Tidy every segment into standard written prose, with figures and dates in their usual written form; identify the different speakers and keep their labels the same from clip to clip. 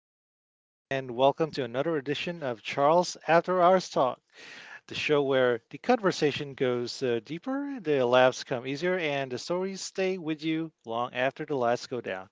Speaker 1: day, everyone, and welcome to another edition of Charles After Hours Talk, the show where the conversation goes deeper, the laughs come easier, and the stories stay with you long after the lights go down.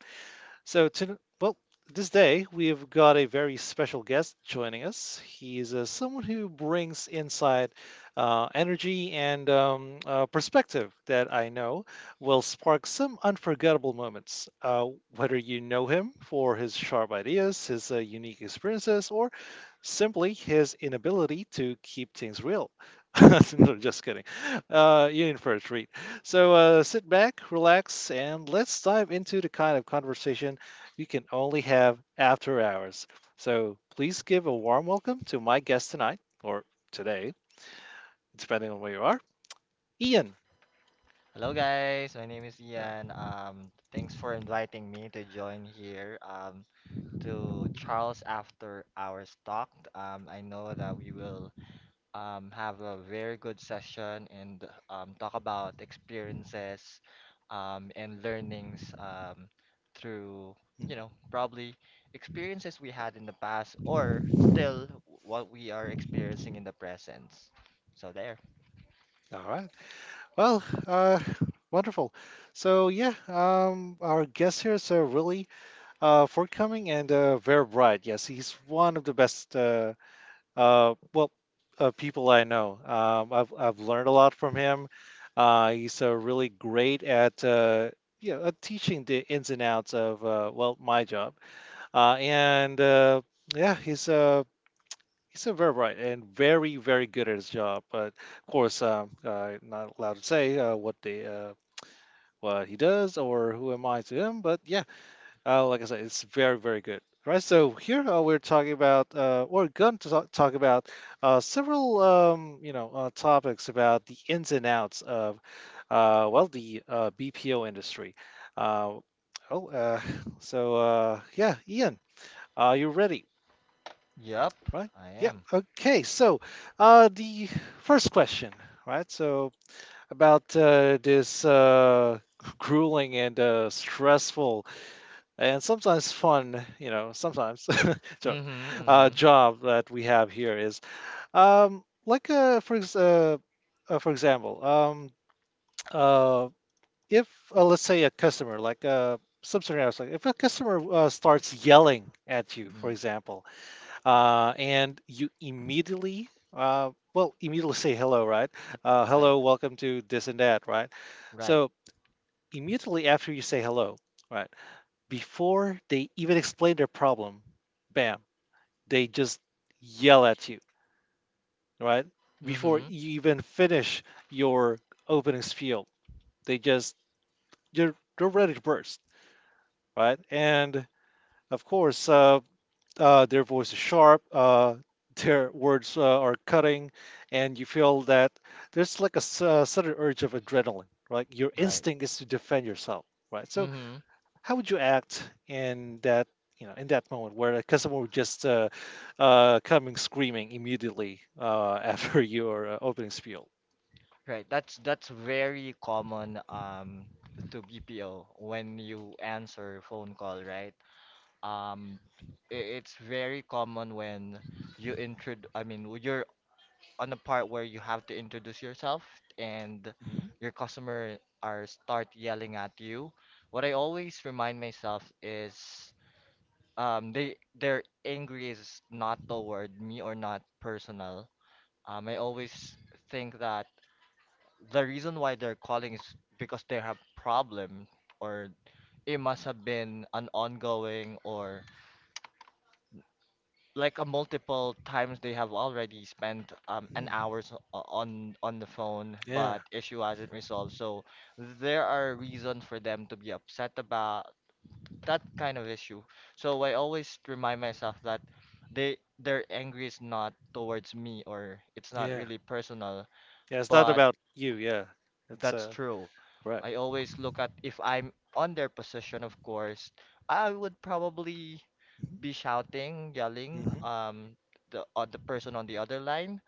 Speaker 1: So, to, well, this day we've got a very special guest joining us. He's someone who brings insight, energy, and perspective that I know will spark some unforgettable moments. Whether you know him for his sharp ideas, his unique experiences, or simply his inability to keep things real. No, just kidding. You're in for a treat. So sit back, relax, and let's dive into the kind of conversation you can only have after hours. So please give a warm welcome to my guest tonight, or today, depending on where you are, Ian.
Speaker 2: Hello guys, my name is
Speaker 1: Uh,
Speaker 2: Ian. Thanks for inviting me to join here to Charles After Hours Talk. I know that we will have a very good session and talk about experiences and learnings through,
Speaker 1: mhm.
Speaker 2: you know, probably experiences we had in the past or still what we are experiencing in the present. So there.
Speaker 1: All right. Well, wonderful. Our guest here is really forthcoming and very bright. Yes, he's one of the best Uh, well, people I know. I've learned a lot from him. He's really great at yeah teaching the ins and outs of well, my job. And yeah, he's very bright and very good at his job. But of course, not allowed to say what he does or who am I to him. But yeah, like I said, it's very, very good. Right, so here we're talking about, we're going to talk about several, topics about the ins and outs of, the BPO industry. Uh, oh, uh, Ian, are you ready?
Speaker 2: Yep,
Speaker 1: Right?
Speaker 2: I
Speaker 1: Yeah.
Speaker 2: am.
Speaker 1: Okay. So the first question, right? So about this grueling and stressful and sometimes fun, you know, sometimes joke,
Speaker 2: Mm-hmm, mm-hmm.
Speaker 1: job that we have here is um, like uh, for ex- uh, for example, uh, if let's say a customer like some scenarios like if a customer starts yelling at you, for
Speaker 2: Mm-hmm.
Speaker 1: example, and you immediately immediately say hello, right?
Speaker 2: Right,
Speaker 1: Hello, welcome to this and that, right?
Speaker 2: right.
Speaker 1: So immediately after you say hello, right? Before they even explain their problem, bam, they just yell at you, right? Before
Speaker 2: Mm-hmm.
Speaker 1: you even finish your opening spiel, they just they're ready to burst, right? And of course, their voice is sharp, their words are cutting, and you feel that there's like a s- sudden urge of adrenaline, right? Your
Speaker 2: Right.
Speaker 1: instinct is to defend yourself, right? So
Speaker 2: Mm-hmm.
Speaker 1: how would you act in that, you know, in that moment where a customer would just coming screaming immediately after your opening spiel?
Speaker 2: Right. That's very common to BPO when you answer phone call, right? Um it's very common when you intro I mean w- you're on a part where you have to introduce yourself, and
Speaker 1: Mhm,
Speaker 2: your customer are start yelling at you. What I always remind myself is they their angry is not toward me or not personal. I always think that the reason why they're calling is because they have problem, or it must have been an ongoing or like a multiple times they have already spent an
Speaker 1: mhm.
Speaker 2: hours on the phone,
Speaker 1: Yeah,
Speaker 2: but issue hasn't resolved. So there are reasons for them to be upset about that kind of issue. So I always remind myself that they their angry is not towards me or it's not
Speaker 1: yeah,
Speaker 2: really personal,
Speaker 1: yeah. It's not
Speaker 2: but
Speaker 1: about you. Yeah, it's
Speaker 2: that's true.
Speaker 1: correct.
Speaker 2: I always look at if I'm on their position, of course, I would probably be shouting, yelling,
Speaker 1: Hmm.
Speaker 2: the person on the other line.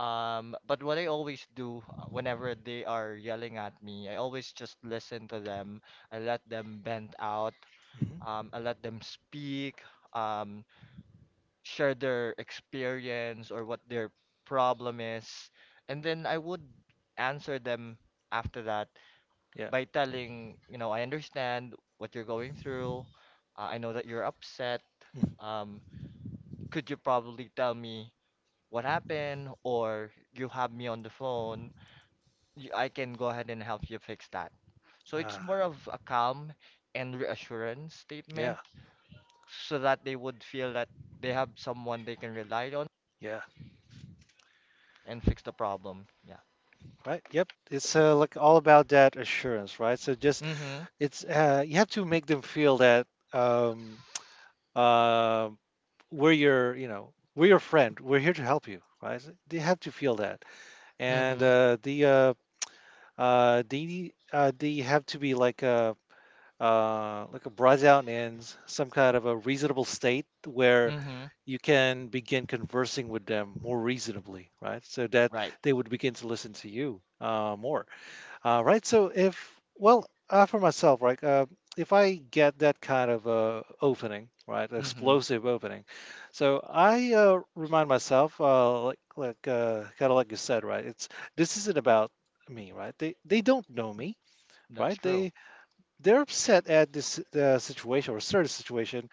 Speaker 2: But what I always do whenever they are yelling at me, I always just listen to them. I let them vent out.
Speaker 1: Hmm.
Speaker 2: I let them speak, um, share their experience or what their problem is, and then I would answer them after that
Speaker 1: Yeah.
Speaker 2: by telling, you know, I understand what you're going through. I know that you're upset.
Speaker 1: Mhm.
Speaker 2: Um, could you probably tell me what happened, or you have me on the phone? I can go ahead and help you fix that. So it's
Speaker 1: Ah,
Speaker 2: more of a calm and reassurance statement
Speaker 1: yeah,
Speaker 2: so that they would feel that they have someone they can rely on
Speaker 1: yeah,
Speaker 2: and fix the problem. Yeah.
Speaker 1: right. Yep. It's like all about that assurance, right? So just
Speaker 2: Mm-hmm.
Speaker 1: it's you have to make them feel that um, um we're your, you know, we're your friend, we're here to help you, right? They have to feel that. And
Speaker 2: Mm-hmm.
Speaker 1: they have to be like a brought down in some kind of a reasonable state where
Speaker 2: Mm-hmm.
Speaker 1: you can begin conversing with them more reasonably, right? So that
Speaker 2: Right.
Speaker 1: they would begin to listen to you more. All right. So if, well, for myself, right? If I get that kind of opening, right,
Speaker 2: Mm-hmm.
Speaker 1: explosive opening, so I remind myself, kind of like you said, right? It's this isn't about me, right? They don't know me,
Speaker 2: That's
Speaker 1: right?
Speaker 2: true.
Speaker 1: They're upset at this situation or certain situation,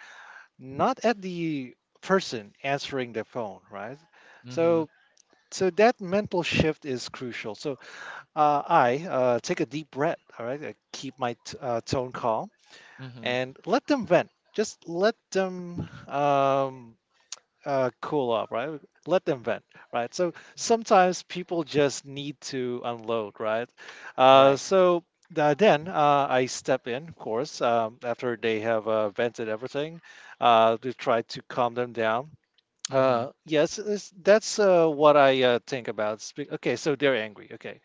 Speaker 1: not at the person answering their phone, right?
Speaker 2: Mm-hmm.
Speaker 1: So so that mental shift is crucial. So I take a deep breath. All right, I keep my tone calm
Speaker 2: Mm-hmm.
Speaker 1: and let them vent. Just let them cool off, right? Let them vent, right? So sometimes people just need to unload, right?
Speaker 2: Right.
Speaker 1: So then I step in, of course, after they have vented everything, to try to calm them down.
Speaker 2: Mm-hmm.
Speaker 1: Yes, that's what I think about. Okay, so they're angry. Okay.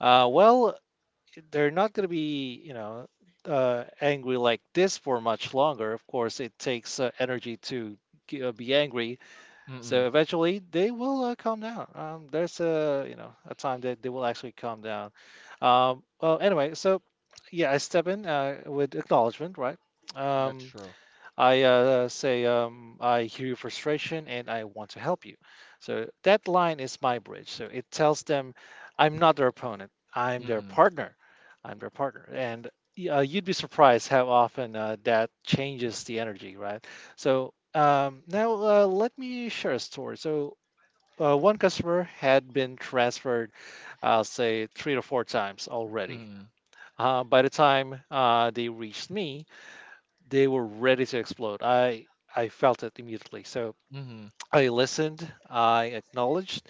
Speaker 1: Uh, well, they're not going to be, you know, angry like this for much longer. Of course, it takes energy to be angry. So
Speaker 2: Mm-mm.
Speaker 1: eventually, they will calm down. There's a, you know, a time that they will actually calm down. Um, well, anyway, so yeah, I step in with acknowledgement, right?
Speaker 2: That's
Speaker 1: Um,
Speaker 2: true.
Speaker 1: I "I hear your frustration and I want to help you." So that line is my bridge. So it tells them, I'm not their opponent, I'm their
Speaker 2: Mm-hmm.
Speaker 1: partner. I'm their partner. And you'd be surprised how often that changes the energy, right? So now let me share a story. So one customer had been transferred, I'll say, three to four times already.
Speaker 2: Mm.
Speaker 1: By the time they reached me, they were ready to explode. I felt it immediately. So
Speaker 2: Hmm.
Speaker 1: I listened, I acknowledged,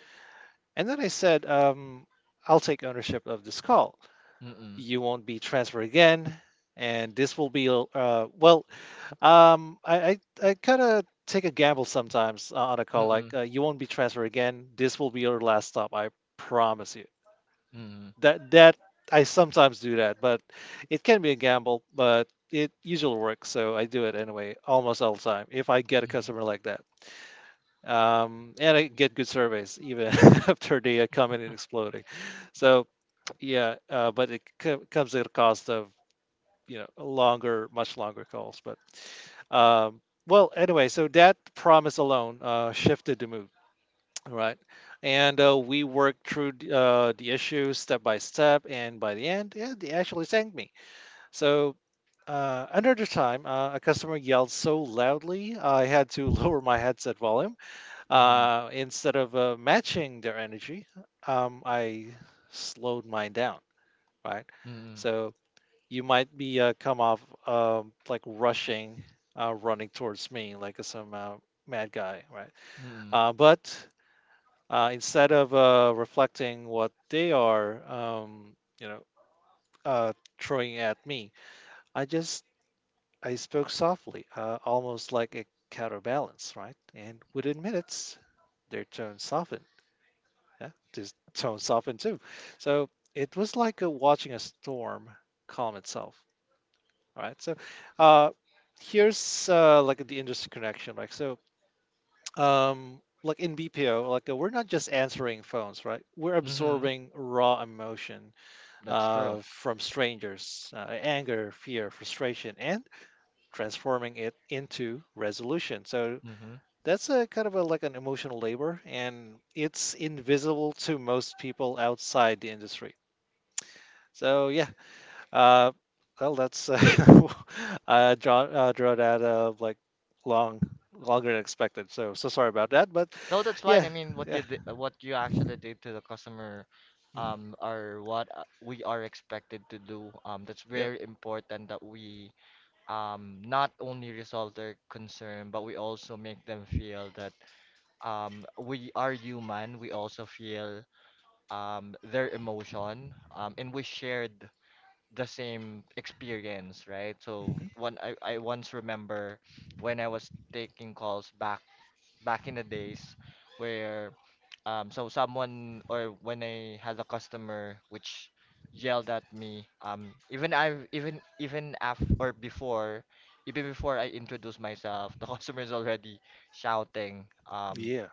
Speaker 1: and then I said, "I'll take ownership of this call.
Speaker 2: Mm-hmm. Mm-mm.
Speaker 1: You won't be transferred again, and this will be Um, I I, I kind of take a gamble sometimes on a call like
Speaker 2: Mm-mm.
Speaker 1: you won't be transferred again. This will be your last stop. I promise you."
Speaker 2: Mm-hmm.
Speaker 1: that that I sometimes do that, but it can be a gamble, but it usually works, so I do it anyway almost all the time if I get a customer like that. And I get good surveys even after they are coming and exploding. So yeah, but it comes at a cost of, you know, longer, much longer calls. But um, that promise alone shifted the mood. Right. And we worked through the issues step by step, and by the end, yeah, they actually thanked me. So another time, a customer yelled so loudly, I had to lower my headset volume.
Speaker 2: Mm-hmm.
Speaker 1: Instead of matching their energy, I slowed mine down, right?
Speaker 2: Mm-hmm.
Speaker 1: So you might be come off like rushing, running towards me like some mad guy, right?
Speaker 2: Mm-hmm.
Speaker 1: But instead of reflecting what they are, uh, throwing at me, I just I spoke softly, almost like a counterbalance, right? And within minutes, their tone softened. Yeah, this tone softened too. So it was like watching a storm calm itself. All right. So uh, here's like the industry connection. Um like in BPO, like we're not just answering phones, right? We're
Speaker 2: Mm-hmm.
Speaker 1: absorbing raw emotion
Speaker 2: That's true.
Speaker 1: from strangers, anger, fear, frustration, and transforming it into resolution. So
Speaker 2: Mm-hmm.
Speaker 1: that's a kind of a, like an emotional labor, and it's invisible to most people outside the industry. So yeah, uh, well, that's draw that long longer than expected. So so sorry about that, but
Speaker 2: No, that's fine.
Speaker 1: yeah.
Speaker 2: I mean, what
Speaker 1: Yeah.
Speaker 2: you did, what you actually did to the customer,
Speaker 1: Mhm.
Speaker 2: are what we are expected to do. That's
Speaker 1: Yep.
Speaker 2: very important that we, not only resolve their concern, but we also make them feel that, we are human. We also feel their emotion, and we shared the same experience, right? So
Speaker 1: Hmm.
Speaker 2: I once remember when I was taking calls back in the days where so someone or when I had a customer which yelled at me, even I even even af or before, even before I introduced myself, the customer is already shouting. Um,
Speaker 1: Yeah.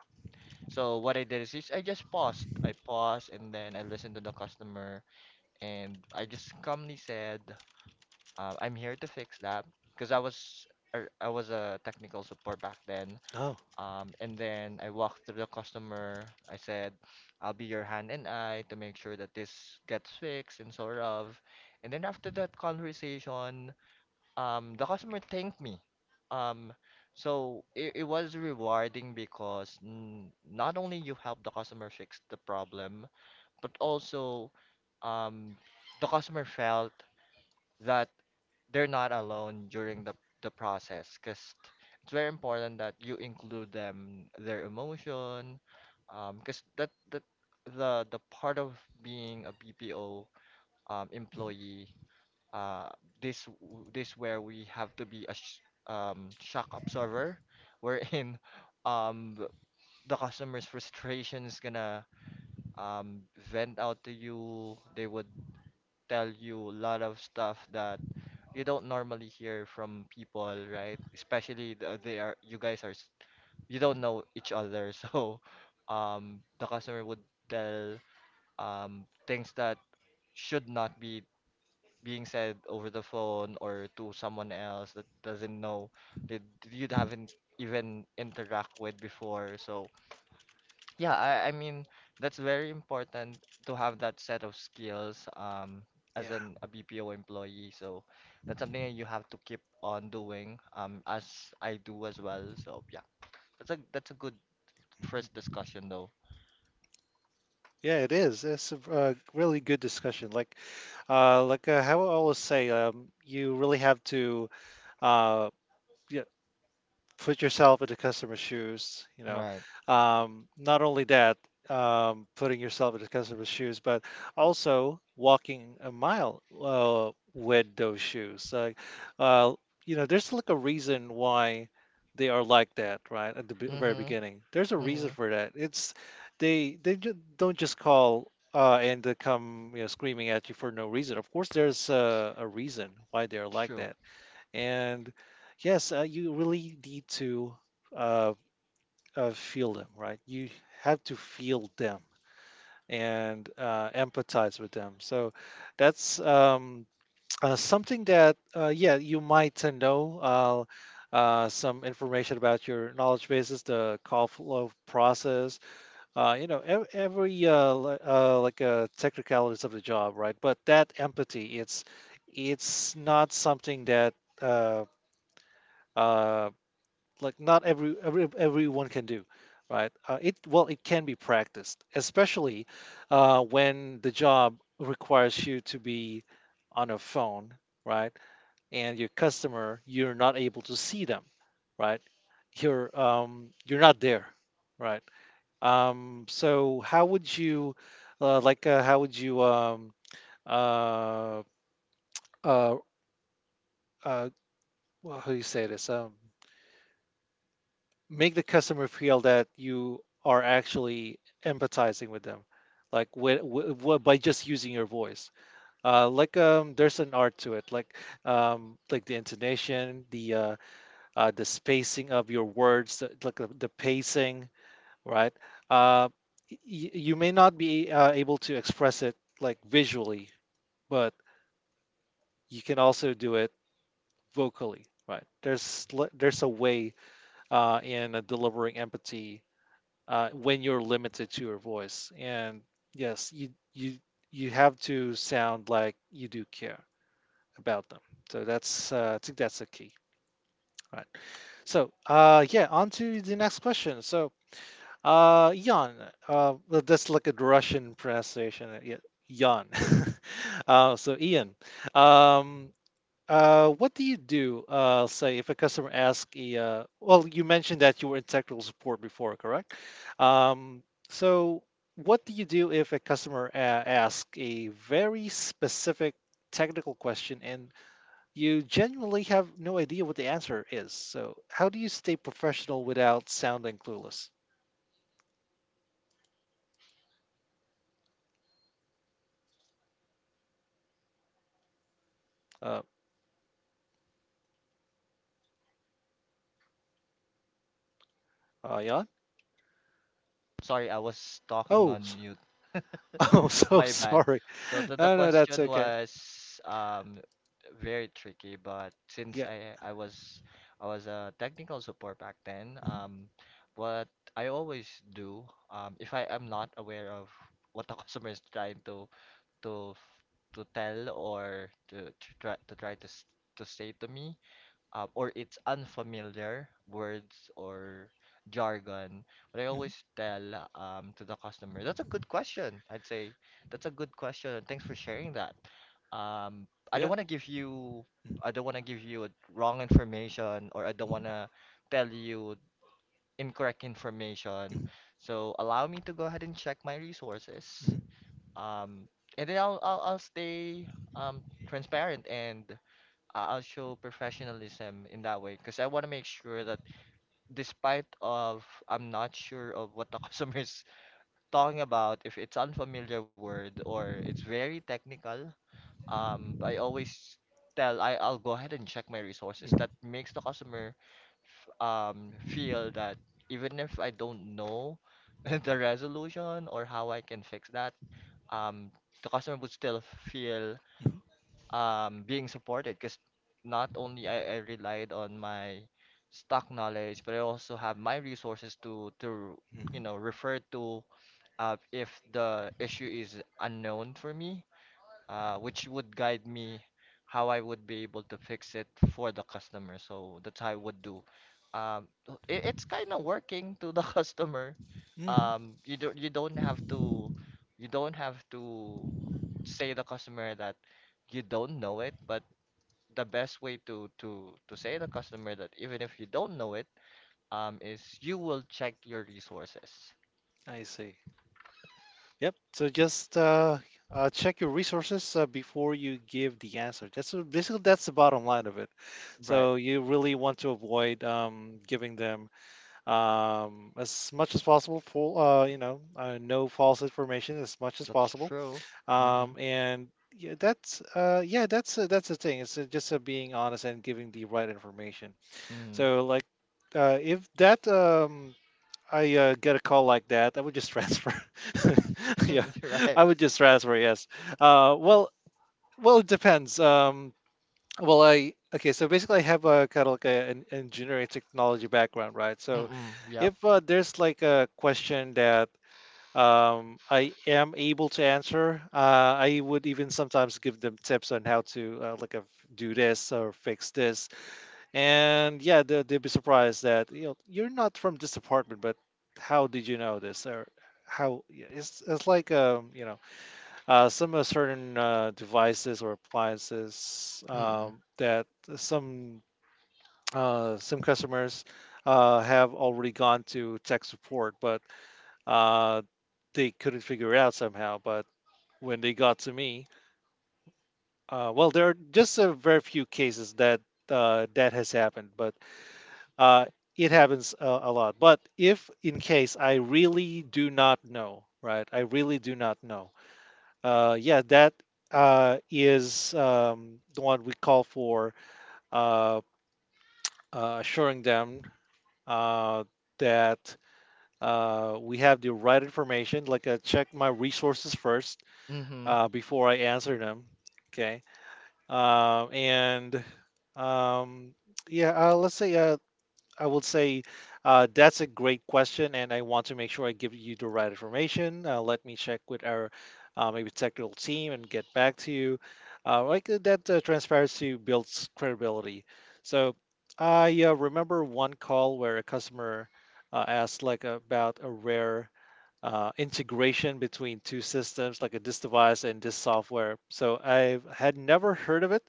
Speaker 2: so what I did is I just paused. I paused and then I listened to the customer, and I just calmly said, "I'm here to fix that," because I was a technical support back then.
Speaker 1: Oh.
Speaker 2: And then I walked through the customer. I said, "I'll be your hand and eye to make sure that this gets fixed and sort of." And then after that conversation, the customer thanked me. Um so it, it was rewarding because n not only you help the customer fix the problem, but also um the customer felt that they're not alone during the process, because it's very important that you include them their emotion because that that the part of being a BPO
Speaker 1: Hmm.
Speaker 2: employee. uh, this where we have to be a sh shock absorber, wherein um, th- the customer's frustration is gonna um, vent out to you. They would tell you a lot of stuff that you don't normally hear from people, right? Especially the, they are you guys are you don't know each other, so the customer would tell things that should not be being said over the phone or to someone else that doesn't know that you haven't even interact with before. So yeah, I mean that's very important to have that set of skills as
Speaker 1: Yeah.
Speaker 2: an a BPO employee. So that's something that you have to keep on doing as I do as well. So yeah, that's a good first
Speaker 1: Hmm.
Speaker 2: discussion though.
Speaker 1: Yeah, it is. It's a really good discussion. How I always say, you really have to uh, put yourself in the customer's shoes, you know,
Speaker 2: Right.
Speaker 1: not only that, putting yourself in the customer's shoes but also walking a mile with those shoes. Uh, you know, there's like a reason why they are like that right at the very
Speaker 2: Mm-hmm.
Speaker 1: beginning. There's a reason
Speaker 2: Mm-hmm.
Speaker 1: for that. It's they don't just call and they come, you know, screaming at you for no reason. Of course there's a reason why they're like
Speaker 2: True.
Speaker 1: that. And yes, you really need to uh, feel them, right? You have to feel them and empathize with them. So that's something that, yeah, you might know. Some information about your knowledge bases, the call flow process, you know, every technicalities of the job, right? But that empathy, it's not something that uh, uh, like not everyone can do, right? It, well, it can be practiced, especially when the job requires you to be on a phone, right? And your customer, you're not able to see them, right? You're you're not there, right? So how would you how would you uh, uh, uh, well, how do you say this, make the customer feel that you are actually empathizing with them, like by just using your voice. Like, there's an art to it, like the intonation, the spacing of your words, the- like the pacing, right? uh, y- you may not be able to express it, like, visually, but you can also do it vocally. Right, there's there's a way in delivering empathy when you're limited to your voice. And yes, you you have to sound like you do care about them. So that's I think that's the key. Right. So yeah, on to the next question. So Jan, well, that's like a Russian pronunciation. Yeah, Jan. So Ian, um, what do you do, say, if a customer asks a, well, you mentioned that you were in technical support before, correct? Um, so what do you do if a customer asks a very specific technical question and you genuinely have no idea what the answer is? So how do you stay professional without sounding clueless? Uh, Jan?
Speaker 2: Sorry, I was talking
Speaker 1: Oh,
Speaker 2: on mute.
Speaker 1: oh, so
Speaker 2: My bad.
Speaker 1: sorry.
Speaker 2: So the, the
Speaker 1: No, no, that's
Speaker 2: question
Speaker 1: okay.
Speaker 2: was very tricky, but since
Speaker 1: Yeah.
Speaker 2: I was a technical support back then, what I always do, um, if I am not aware of what the customer is trying to f- to tell or to try to try to to say to me, or it's unfamiliar words or jargon. But I
Speaker 1: Mhm.
Speaker 2: always tell to the customer, that's a good question. I'd say that's a good question, and thanks for sharing that. Um, I don't
Speaker 1: Yeah.
Speaker 2: want to give you,
Speaker 1: Mhm.
Speaker 2: I don't want to give you wrong information, or I don't want to tell you incorrect information.
Speaker 1: Mhm.
Speaker 2: So allow me to go ahead and check my resources.
Speaker 1: Mhm.
Speaker 2: Um, and then I'll stay um transparent and I'll show professionalism in that way because I want to make sure that despite of I'm not sure of what the customer is talking about, if it's unfamiliar word or it's very technical, I always tell I'll go ahead and check my resources.
Speaker 1: Mhm.
Speaker 2: That makes the customer feel that even if I don't know the resolution or how I can fix that, um, the customer would still feel
Speaker 1: Mhm.
Speaker 2: being supported because not only I relied on my stock knowledge, but I also have my resources to
Speaker 1: Hmm.
Speaker 2: you know, refer to if the issue is unknown for me, which would guide me how I would be able to fix it for the customer. So that's how I would do. It's kind of working to the customer.
Speaker 1: Hmm.
Speaker 2: Um, you don't you don't have to you don't have to say the customer that you don't know it, but the best way to say the customer that even if you don't know it, is you will check your resources.
Speaker 1: I see. Yep. So just check your resources before you give the answer. That's basically that's the bottom line of it.
Speaker 2: Right.
Speaker 1: So you really want to avoid giving them as much as possible full, no false information as much as
Speaker 2: That's
Speaker 1: possible.
Speaker 2: true. Mm-hmm.
Speaker 1: And yeah, that's the thing. It's just being honest and giving the right information.
Speaker 2: Mm-hmm.
Speaker 1: So like, if that I get a call like that, I would just transfer. Yeah, I
Speaker 2: Right.
Speaker 1: would just transfer. Yes. Uh, well, well, it depends. I, okay. So basically, I have a kind of like a, an engineering technology background, right? So
Speaker 2: Mm-mm. Yep.
Speaker 1: if there's like a question that I am able to answer, I would even sometimes give them tips on how to do this or fix this, and yeah, they'd be surprised that, you know, you're not from this department, but how did you know this? Or how, yeah, it's like, you know, some of certain devices or appliances,
Speaker 2: Mm.
Speaker 1: that some some customers have already gone to tech support, but uh, they couldn't figure it out somehow. But when they got to me, well, there are just a very few cases that that has happened. But Uh, it happens a lot. But if in case I really do not know, right? I really do not know. Yeah, that is the one we call for uh, assuring them uh, that we have the right information. Like, I check my resources first
Speaker 2: Mhm.
Speaker 1: before I answer them. Okay. And um, yeah, let's say I would say, that's a great question, and I want to make sure I give you the right information. Let me check with our maybe technical team and get back to you. That transparency builds credibility. So I remember one call where a customer asked, like, about a rare integration between two systems, like a, this device and this software. So I had never heard of it.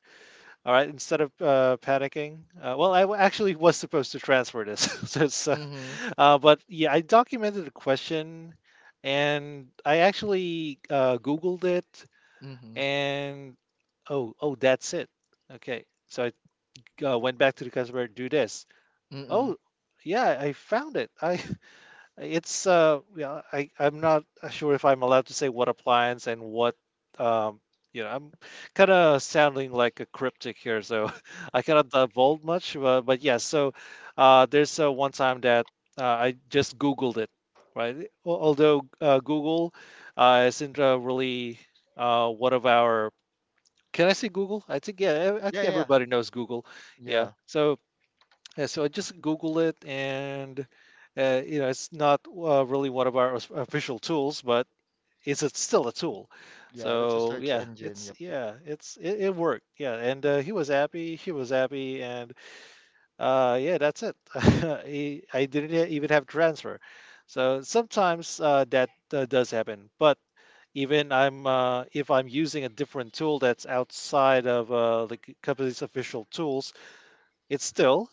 Speaker 1: All right, instead of panicking, well, I actually was supposed to transfer this, so it's,
Speaker 2: Mhm.
Speaker 1: but yeah, I documented the question, and I actually Googled it,
Speaker 2: Mhm.
Speaker 1: and oh, oh, that's it. Okay, so I went back to the customer, do this.
Speaker 2: Mm.
Speaker 1: Oh, yeah, I found it. I it's, yeah, I'm not sure if I'm allowed to say what appliance and what um you know, I'm kind of sounding like a cryptic here, so I cannot divulge much, but yeah, so there's one time that I just Googled it, right? Although Google isn't really one of our, can I say Google? I think, yeah, I think
Speaker 2: Yeah, yeah.
Speaker 1: everybody knows Google. Yeah.
Speaker 2: Yeah.
Speaker 1: So yeah, so I just Google it, and it's not really one of our official tools, but it's a, still a tool.
Speaker 2: Yeah, yeah, that's a
Speaker 1: So
Speaker 2: search engine. Yep, yep.
Speaker 1: yeah, it's it worked. Yeah, and he was happy. He was happy, and yeah, that's it. He, I didn't even have transfer. So sometimes that does happen, but even I'm if I'm using a different tool that's outside of the company's official tools, it's still,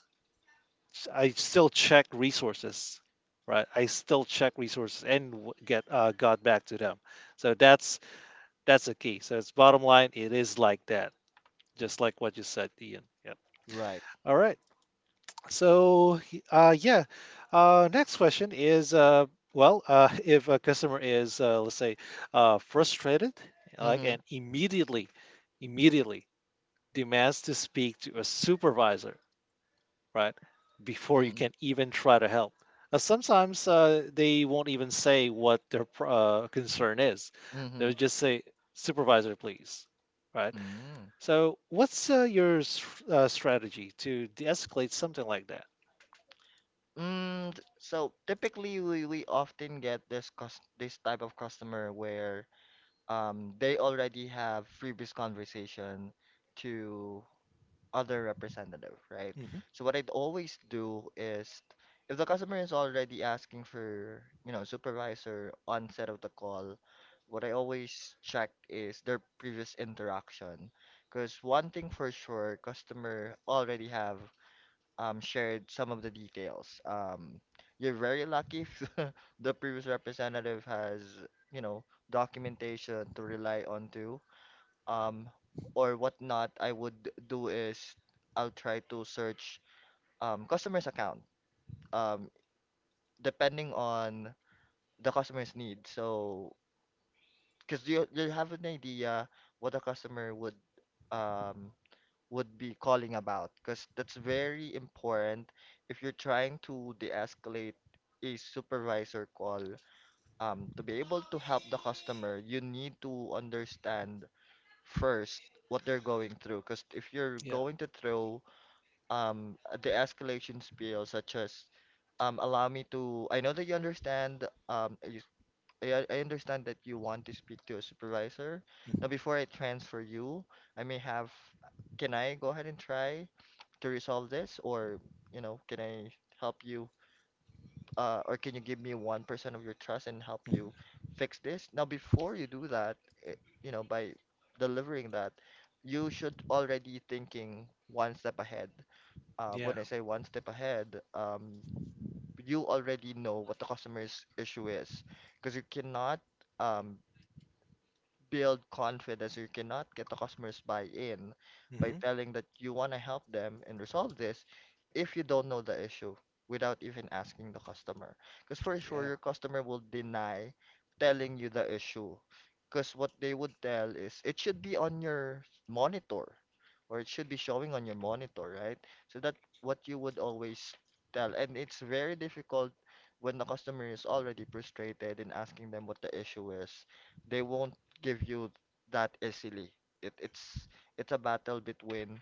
Speaker 1: I still check resources, right? I still check resources and w- get got back to them. So that's the key. So it's bottom line. It is like that, just like what you said, Ian. Yep.
Speaker 2: Right.
Speaker 1: All right. So yeah. Next question is well, if a customer is let's say frustrated, like,
Speaker 2: Mhm.
Speaker 1: immediately demands to speak to a supervisor, right? Before you
Speaker 2: Mhm.
Speaker 1: can even try to help. Sometimes they won't even say what their concern is. They'll
Speaker 2: Mhm.
Speaker 1: just say, "Supervisor, please." Right.
Speaker 2: Mm.
Speaker 1: So what's your strategy to de-escalate something like that?
Speaker 2: Mm. So typically we often get this type of customer where they already have previous conversation to other representative, right?
Speaker 1: Hmm.
Speaker 2: So what I'd always do is if the customer is already asking for, you know, supervisor onset of the call, what I always check is their previous interaction. Because one thing for sure, customer already have shared some of the details. You're very lucky if the previous representative has, you know, documentation to rely on too, um, or whatnot, I would do is I'll try to search customer's account, um, depending on the customer's need. So, because you have an idea what a customer um, would be calling about, because that's very important if you're trying to de-escalate a supervisor call. To be able to help the customer, you need to understand first what they're going through, because if you're
Speaker 1: Yeah.
Speaker 2: going to throw um the escalation spiel such as allow me to I know that you understand I understand that you want to speak to a supervisor, now before I transfer you I may have can I go ahead and try to resolve this, or you know can I help you or can you give me 1% of your trust and help you
Speaker 1: Mm-hmm.
Speaker 2: fix this? Now, before you do that, eh, you know, by delivering that, you should already thinking one step ahead.
Speaker 1: Yeah.
Speaker 2: When I say one step ahead, you already know what the customer's issue is because you cannot um, build confidence. You cannot get the customers buy-in by
Speaker 1: Hmm.
Speaker 2: telling that you want to help them and resolve this if you don't know the issue without even asking the customer. Because for sure, your customer will deny telling you the issue. Because what they would tell is it should be on your monitor, or it should be showing on your monitor, right? So that what you would always tell. And it's very difficult when the customer is already frustrated in asking them what the issue is. They won't give you that easily. It, it's a battle between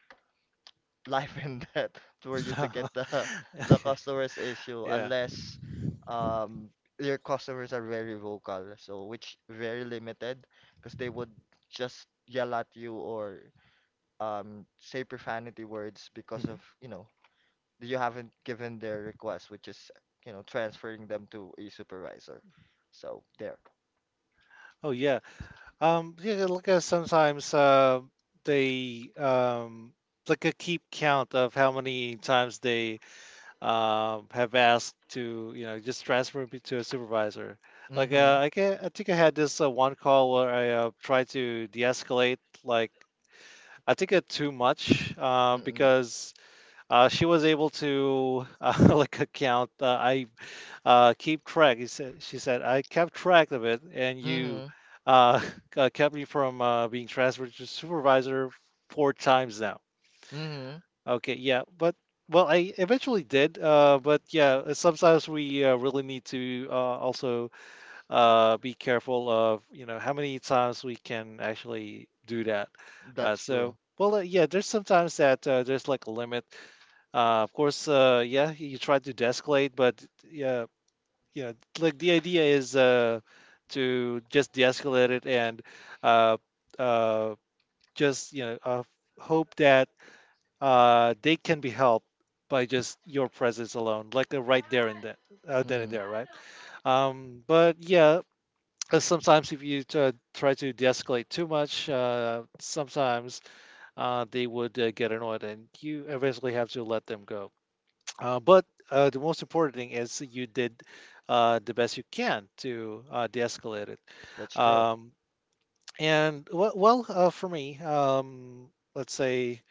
Speaker 2: life and death for you
Speaker 1: Yeah.
Speaker 2: to get the the
Speaker 1: Okay.
Speaker 2: customer's issue
Speaker 1: Yeah.
Speaker 2: unless um your customers are very vocal, so which very limited because they would just yell at you or say profanity words because of,
Speaker 1: Hmm.
Speaker 2: you haven't given their request, which is, transferring them to a supervisor. So there.
Speaker 1: Oh yeah. Yeah. Like sometimes they like a, keep count of how many times they have asked to, you know, just transfer me to a supervisor. Like,
Speaker 2: Mm-hmm.
Speaker 1: I can, I think I had this one call where I tried to de-escalate, like, I think it too much because she was able to like, account I keep track. She said, I kept track of it, and you
Speaker 2: Mm-hmm.
Speaker 1: uh, kept me from being transferred to supervisor four times now.
Speaker 2: Mm-hmm.
Speaker 1: Okay, yeah, but, well, I eventually did, but yeah, sometimes we really need to also be careful of, you know, how many times we can actually do that,
Speaker 2: That's
Speaker 1: right? So,
Speaker 2: true.
Speaker 1: well, yeah, there's sometimes that there's like a limit. Of course, yeah, you try to de-escalate, but yeah, you know, like the idea is to just de-escalate it and uh, uh, just, you know, hope that they can be helped by just your presence alone, like, right there and then and
Speaker 2: Mhm.
Speaker 1: there, right? But yeah, sometimes if you try to de-escalate too much, sometimes they would get annoyed, and you eventually have to let them go. But the most important thing is you did the best you can to de-escalate it.
Speaker 2: That's true.
Speaker 1: Um, and well, for me, let's say,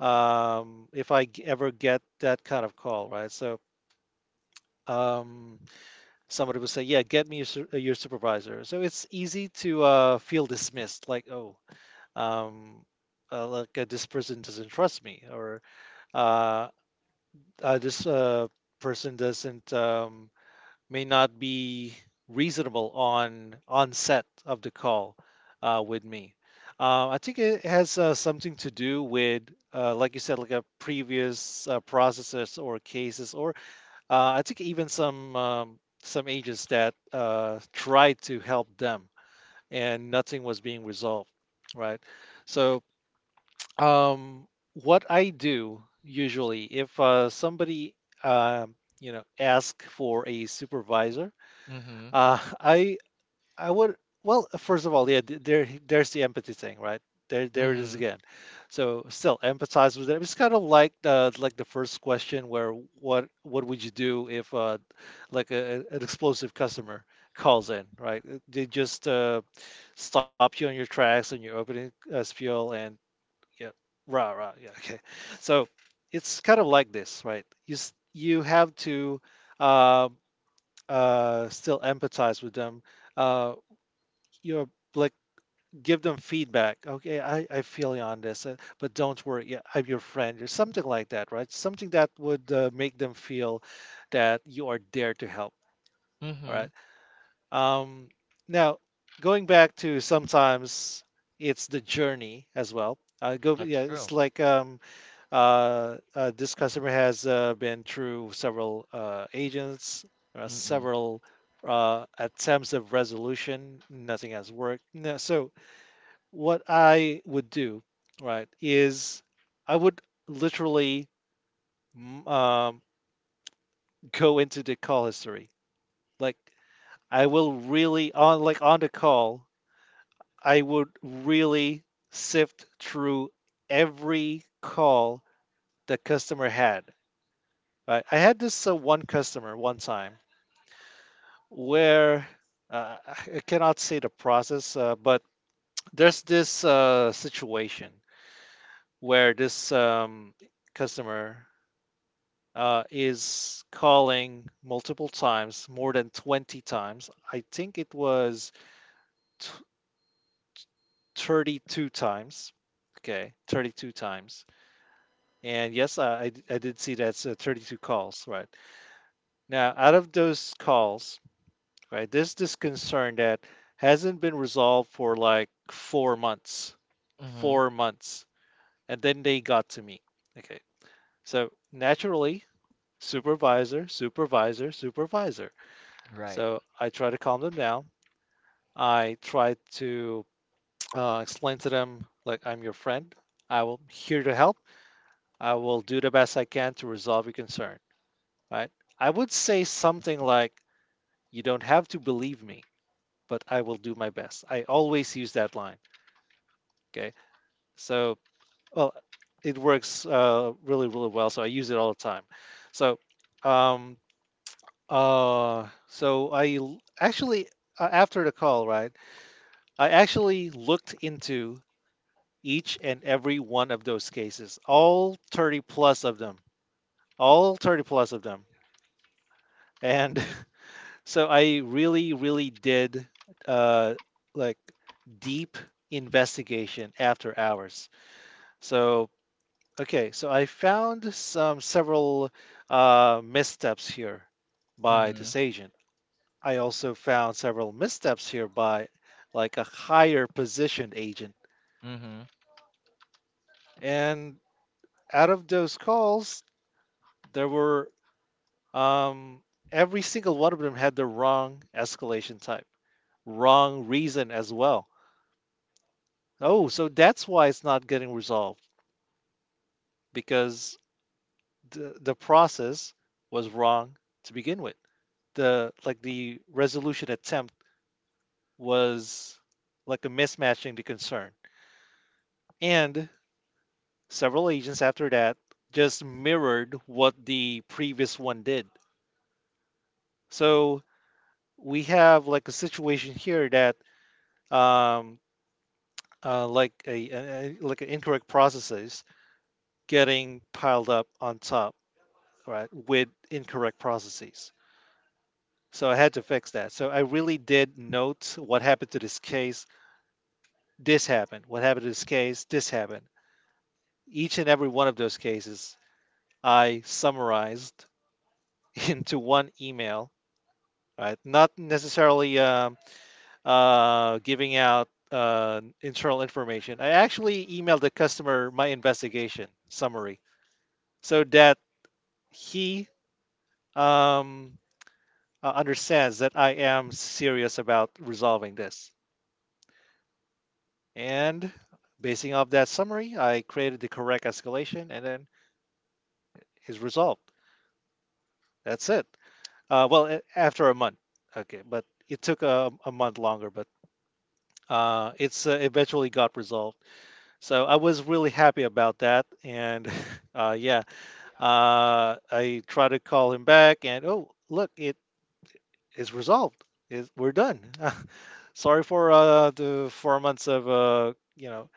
Speaker 1: if I ever get that kind of call, right? So um, somebody will say, "Yeah, get me your, your supervisor." So it's easy to feel dismissed, like, "Oh, um, like this person doesn't trust me," or uh, "This person doesn't." May not be reasonable on onset of the call with me. I think it has something to do with, like you said, like a previous processes or cases, or I think even some agents that tried to help them, and nothing was being resolved, right? So um, what I do usually if somebody you know, ask for a supervisor,
Speaker 2: Mhm.
Speaker 1: uh, I I would, well, first of all, yeah, there, there's the empathy thing, right? There it is
Speaker 2: Mhm.
Speaker 1: again. So still empathize with it. It's kind of like the, like the first question where what would you do if like a, an explosive customer calls in, right? They just stop you on your tracks, and you're opening as fuel, and yeah, rah rah, yeah. Okay. So it's kind of like this, right? You you have to uh, still empathize with them. uh, you're like, give them feedback, okay, I feel you on this, but don't worry, yeah, I'm your friend or something like that, right? Something that would make them feel that you are there to help. All right.
Speaker 2: Mhm.
Speaker 1: Um, now, going back to, sometimes it's the journey as well. Go
Speaker 2: That's
Speaker 1: Yeah,
Speaker 2: true.
Speaker 1: it's like, this customer has been through several agents,
Speaker 2: Mhm.
Speaker 1: several attempts of resolution, nothing has worked. No, so what I would do, right, is I would literally mm, um, go into the call history. Like, I will really, on like, on the call, I would really sift through every call the customer had. Right? I had this one customer one time where I cannot say the process, but there's this situation where this customer is calling multiple times, more than 20 times. I think it was t- 32 times. Okay, 32 times. And yes, I did see that's 32 calls, right? Now, out of those calls, right, there's this concern that hasn't been resolved for like four months.
Speaker 2: Mhm.
Speaker 1: Four months. And then they got to me. Okay, so naturally, supervisor, supervisor, supervisor.
Speaker 2: Right.
Speaker 1: So I try to calm them down. I try to explain to them, like, I'm your friend. I will here to help. I will do the best I can to resolve your concern, right? I would say something like, you don't have to believe me, but I will do my best. I always use that line. Okay. So, well, it works really, really well. So I use it all the time. So, um, actually, after the call, right? I actually looked into each and every one of those cases, all 30 plus of them, all 30 plus of them. And so I really, really did uh, like deep investigation after hours. So, okay, so I found some several missteps here by this
Speaker 2: Mhm.
Speaker 1: agent. I also found several missteps here by like a higher positioned agent.
Speaker 2: Mhm.
Speaker 1: And out of those calls, there were um, every single one of them had the wrong escalation type, wrong reason as well. Oh, so that's why it's not getting resolved because the process was wrong to begin with. The like the resolution attempt was like a mismatching the concern. And several agents after that just mirrored what the previous one did. So we have like a situation here that um, like like incorrect processes getting piled up on top, right, with incorrect processes. So I had to fix that. So I really did note what happened to this case. This happened. What happened to this case? This happened. Each and every one of those cases I summarized into one email. Right, not necessarily giving out internal information. I actually emailed the customer my investigation summary so that he um, understands that I am serious about resolving this. And basing off that summary, I created the correct escalation, and then it's resolved. That's it. After a month, okay, but it took a month longer, but it's eventually got resolved. So I was really happy about that, and yeah, I tried to call him back, and oh, look, it is resolved. Is we're done. Sorry for the four months of uh, you know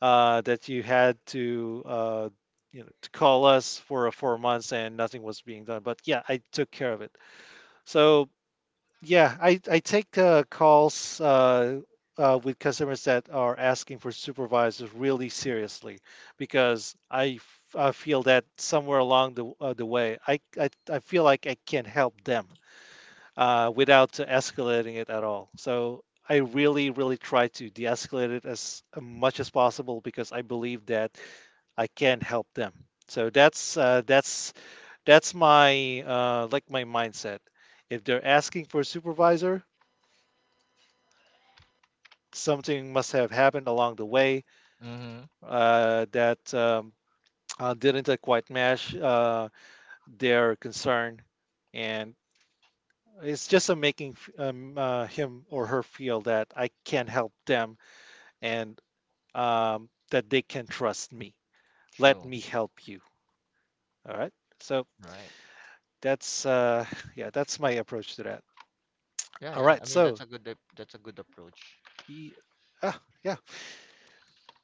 Speaker 1: uh, that you had to to call us for four months and nothing was being done. But yeah, I took care of it. So yeah, I take calls with customers that are asking for supervisors really seriously because I feel that somewhere along the way I feel like I can help them without escalating it at all. So I really, really try to de escalate it as much as possible because I believe that I can help them. So that's my my mindset. If they're asking for a supervisor, something must have happened along the way
Speaker 2: Mhm.
Speaker 1: that didn't quite match their concern, and it's just a making him or her feel that I can help them and that they can trust me. Let
Speaker 2: True.
Speaker 1: me help you. All right. So
Speaker 2: Right.
Speaker 1: that's yeah, that's my approach to that.
Speaker 2: Yeah,
Speaker 1: All
Speaker 2: yeah.
Speaker 1: right.
Speaker 2: I mean, that's
Speaker 1: So
Speaker 2: a that's a good approach.
Speaker 1: yeah, yeah,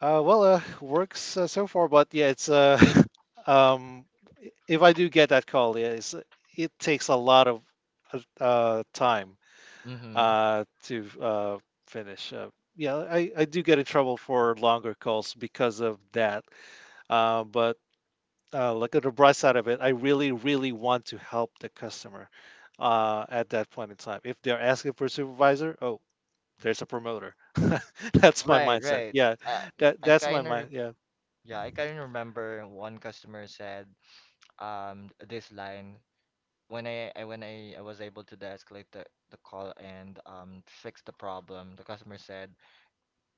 Speaker 1: works so far, but yeah, it's um, if I do get that call, yeah, it's, it takes a lot of time
Speaker 2: Mhm.
Speaker 1: to finish. Yeah, I do get in trouble for longer calls because of that. But look at the bright side of it. I really, really want to help the customer at that point in time. If they're asking for a supervisor, oh, there's a promoter. That's my
Speaker 2: Right,
Speaker 1: mindset.
Speaker 2: right.
Speaker 1: Yeah,
Speaker 2: I
Speaker 1: that
Speaker 2: I
Speaker 1: that's my
Speaker 2: kind of
Speaker 1: mind. Yeah,
Speaker 2: yeah, I kind of remember one customer said this line when I was able to de-escalate the call and fix the problem. The customer said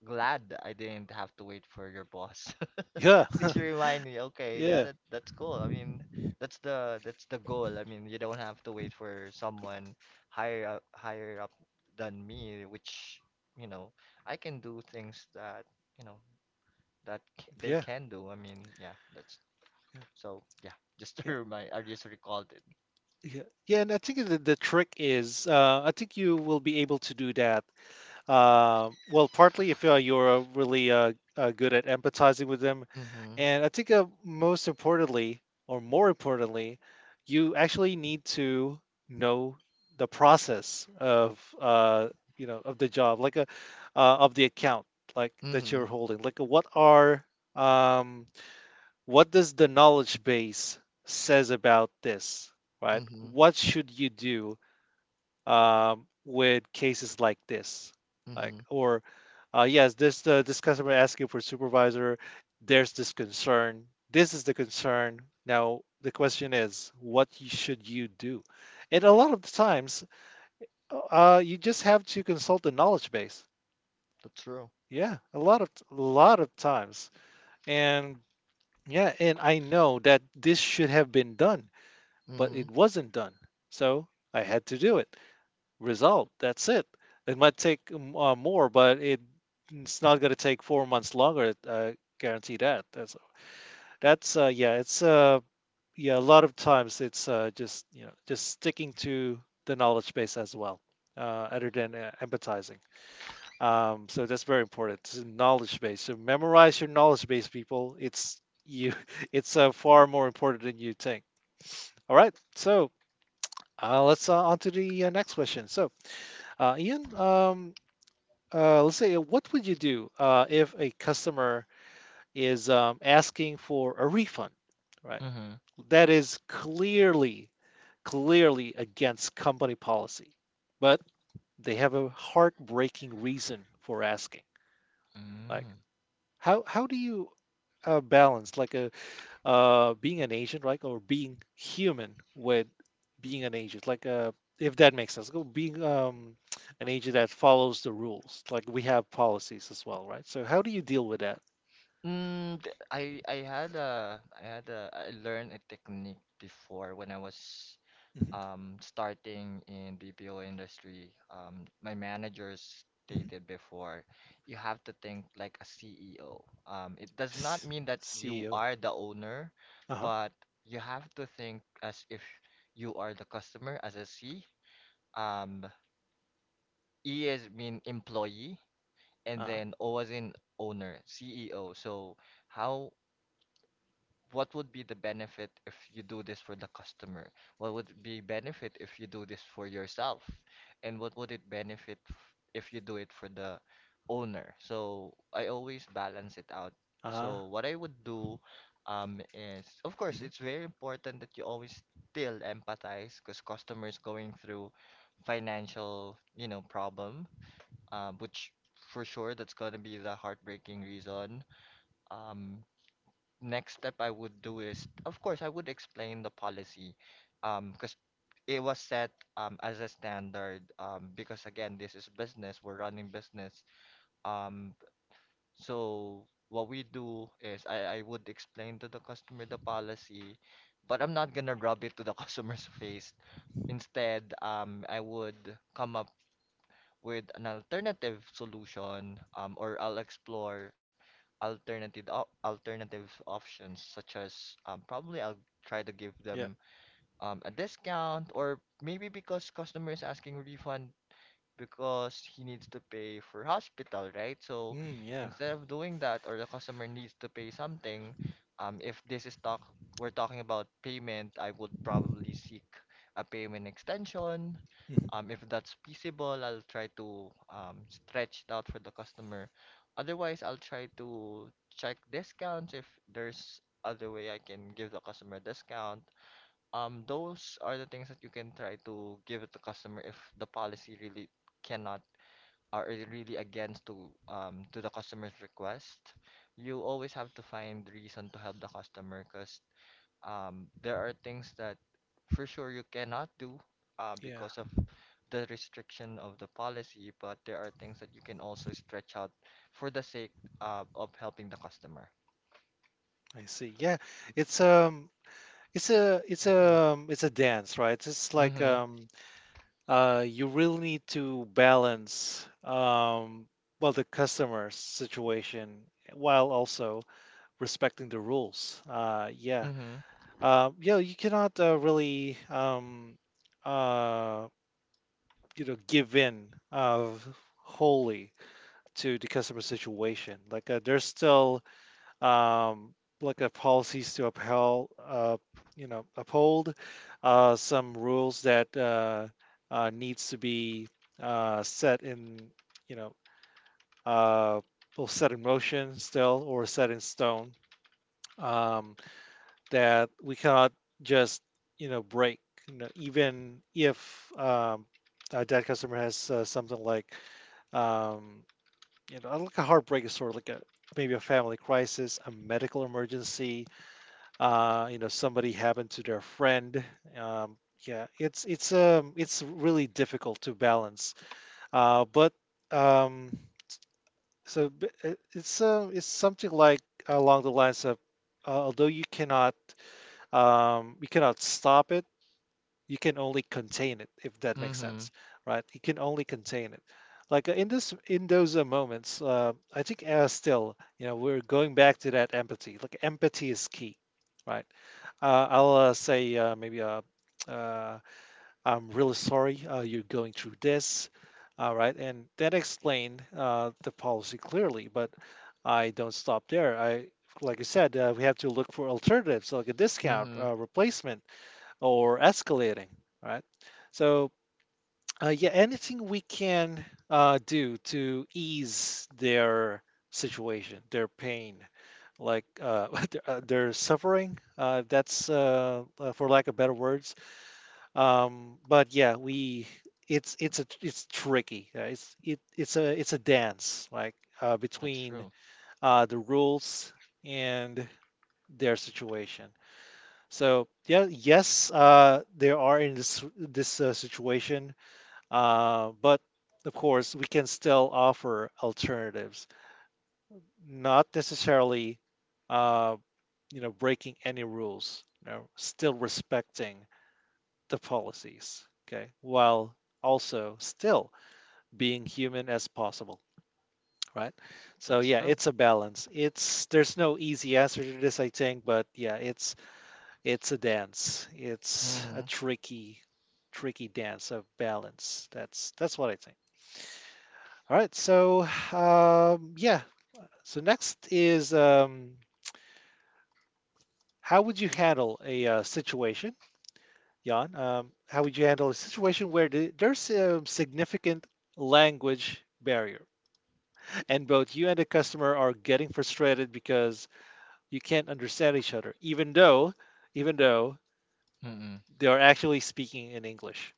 Speaker 2: glad I didn't have to wait for your boss.
Speaker 1: yeah,
Speaker 2: Which remind me, okay, yeah,
Speaker 1: yeah,
Speaker 2: that that's cool. I mean, that's the goal. I mean, you don't have to wait for someone higher up than me, which, you know, I can do things that, you know, that they
Speaker 1: yeah.
Speaker 2: can do. I mean, yeah, that's so yeah, just to
Speaker 1: Yeah,
Speaker 2: remind, I just recalled it.
Speaker 1: yeah, yeah, and I think the trick is, I think you will be able to do that. Partly if you're really good at empathizing with them,
Speaker 2: Mm-hmm.
Speaker 1: and I think most importantly, or more importantly, you actually need to know the process of of the job, like a of the account, like that
Speaker 2: Mm-hmm.
Speaker 1: you're holding. Like what are um, what does the knowledge base says about this, right?
Speaker 2: Mm-hmm.
Speaker 1: What should you do? With cases like this. Like,
Speaker 2: Mm-hmm.
Speaker 1: or yes, this this customer asking for supervisor. There's this concern. This is the concern. Now the question is, what should you do? And a lot of the times, you just have to consult the knowledge base.
Speaker 2: That's true.
Speaker 1: Yeah, a lot of times, and yeah, and I know that this should have been done, but
Speaker 2: Mm-hmm.
Speaker 1: it wasn't done. So I had to do it. Result. That's it. It might take more, but it's not going to take four months longer. I guarantee that. That's Yeah. It's yeah. A lot of times it's just just sticking to the knowledge base as well, uh, other than empathizing. So that's very important. It's a knowledge base. So memorize your knowledge base, people. It's you. It's far more important than you think. All right. So let's on to the next question. So Ian, let's say, what would you do if a customer is asking for a refund, right? That is clearly, clearly against company policy, but they have a heartbreaking reason for asking. Like,
Speaker 2: Mm-hmm.
Speaker 1: how do you balance like a being an agent, right, or being human with being an agent, like if that makes sense, go being an agent that follows the rules, like we have policies as well, right? So how do you deal with that?
Speaker 2: I I had a I learned a technique before when I was
Speaker 1: Mhm,
Speaker 2: starting in BPO industry. My managers
Speaker 1: mhm.
Speaker 2: stated before, you have to think like a CEO. It does not
Speaker 1: S-
Speaker 2: mean that you
Speaker 1: CEO.
Speaker 2: are the owner,
Speaker 1: Uh huh.
Speaker 2: but you have to think as if you are the customer as a C. Um, E is mean employee, and
Speaker 1: Uh huh.
Speaker 2: then O as in owner, CEO. So how what would be the benefit if you do this for the customer? What would be benefit if you do this for yourself? And what would it benefit if you do it for the owner? So I always balance it out.
Speaker 1: Uh huh.
Speaker 2: So what I would do is of course
Speaker 1: Hmm.
Speaker 2: it's very important that you always still empathize because customers going through financial, problem, which for sure that's gonna be the heartbreaking reason. Um, Next step I would do is, of course, I would explain the policy, because it was set as a standard, because again, this is business, we're running business, um, so what we do is I would explain to the customer the policy, but I'm not gonna rub it to the customer's face. Instead, I would come up with an alternative solution, or I'll explore alternative options such as probably I'll try to give
Speaker 1: Yeah.
Speaker 2: them a discount or maybe because customer is asking refund, because he needs to pay for hospital, right? So
Speaker 1: Mm, yeah.
Speaker 2: instead of doing that, or the customer needs to pay something, if this is talk we're talking about payment, I would probably seek a payment extension.
Speaker 1: Hmm.
Speaker 2: If that's feasible, I'll try to stretch it out for the customer. Otherwise, I'll try to check discounts if there's other way I can give the customer a discount, those are the things that you can try to give it to customer if the policy really cannot or is really against to the customer's request. You always have to find reason to help the customer because there are things that for sure you cannot do
Speaker 1: Yeah.
Speaker 2: because of the restriction of the policy, but there are things that you can also stretch out for the sake of helping the customer.
Speaker 1: I see. Yeah. It's.
Speaker 2: Mm-hmm.
Speaker 1: It's a dance, right? It's like
Speaker 2: Mm-hmm.
Speaker 1: um. You really need to balance well the customer's situation while also respecting the rules. Yeah, yeah, you cannot really uh, give in wholly to the customer situation. Like there's still um, look at policies to upheld, you know, uphold some rules that needs to be set in, you know, uh, set in motion still or set in stone um, that we cannot just, you know, break. You know, even if a dead customer has something like, um, you know, like a heartbreak is sort of like a maybe a family crisis, a medical emergency, you know, somebody happened to their friend. Um, yeah, it's it's really difficult to balance. But um, so b- it- it's It's something like along the lines of although you cannot stop it, you can only contain it if that makes
Speaker 2: Mm-hmm.
Speaker 1: sense, right? You can only contain it. Like in this in those moments, I think still we're going back to that empathy. Like empathy is key, right? I'll say maybe uh, I'm really sorry you're going through this. All right, and then explain the policy clearly. But I don't stop there. Like I said, we have to look for alternatives like a discount,
Speaker 2: Mm-hmm.
Speaker 1: replacement, or escalating. Right. So yeah, anything we can do to ease their situation, their pain, like their suffering. That's for lack of better words. But yeah, we it's tricky. It's a dance like
Speaker 2: That's
Speaker 1: between
Speaker 2: true.
Speaker 1: the rules and their situation. So yeah, yes, they are in this situation but of course, we can still offer alternatives, not necessarily, uh, you know, breaking any rules. You know, still respecting the policies. Okay, while also still being human as possible. Right. So
Speaker 2: That's
Speaker 1: yeah,
Speaker 2: true.
Speaker 1: it's a balance. It's There's no easy answer to this, I think, but yeah, it's a dance. It's a
Speaker 2: Mhm.
Speaker 1: tricky, tricky dance of balance. That's what I think. All right, so yeah, so next is how would you handle a situation, Jan? How would you handle a situation where there's a significant language barrier, and both you and the customer are getting frustrated because you can't understand each other, even though, even though
Speaker 2: Mm-mm.
Speaker 1: they are actually speaking in English,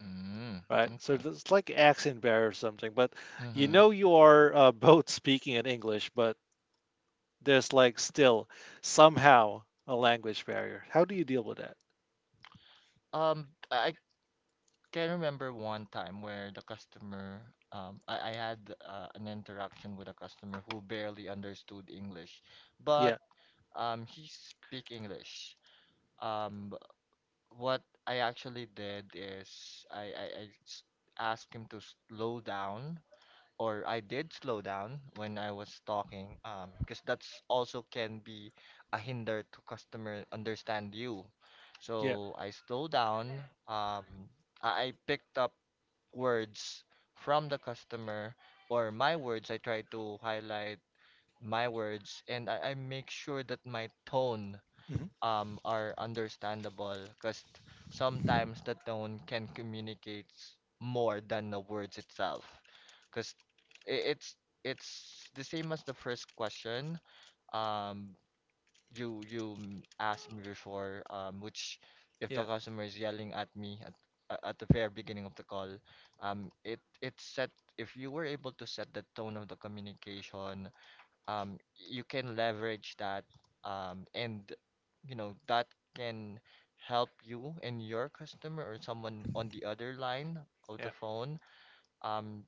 Speaker 2: Mm.
Speaker 1: right? So
Speaker 2: Okay.
Speaker 1: it's like accent barrier or something, but you
Speaker 2: Mhm.
Speaker 1: know you are both speaking in English, but there's like still somehow a language barrier. How do you deal with that?
Speaker 2: I can remember one time where I had an interaction with a customer who barely understood English, but
Speaker 1: Yeah,
Speaker 2: he speak English. Um, what I actually did is asked him to slow down or I did slow down when I was talking, because that's also can be a hinder to customer understand you.
Speaker 1: yeah,
Speaker 2: So I slow down. Um, I picked up words from the customer or my words. I try to highlight my words, and I make sure that my tone
Speaker 1: hmm
Speaker 2: are understandable because sometimes the tone can communicate more than the words itself because it's it's the same as the first question um you asked me before which if the
Speaker 1: yeah,
Speaker 2: customer is yelling at me at the very beginning of the call, it it set if you were able to set the tone of the communication, um, you can leverage that, and you know that can help you and your customer or someone on the other line of
Speaker 1: yeah,
Speaker 2: the phone, um,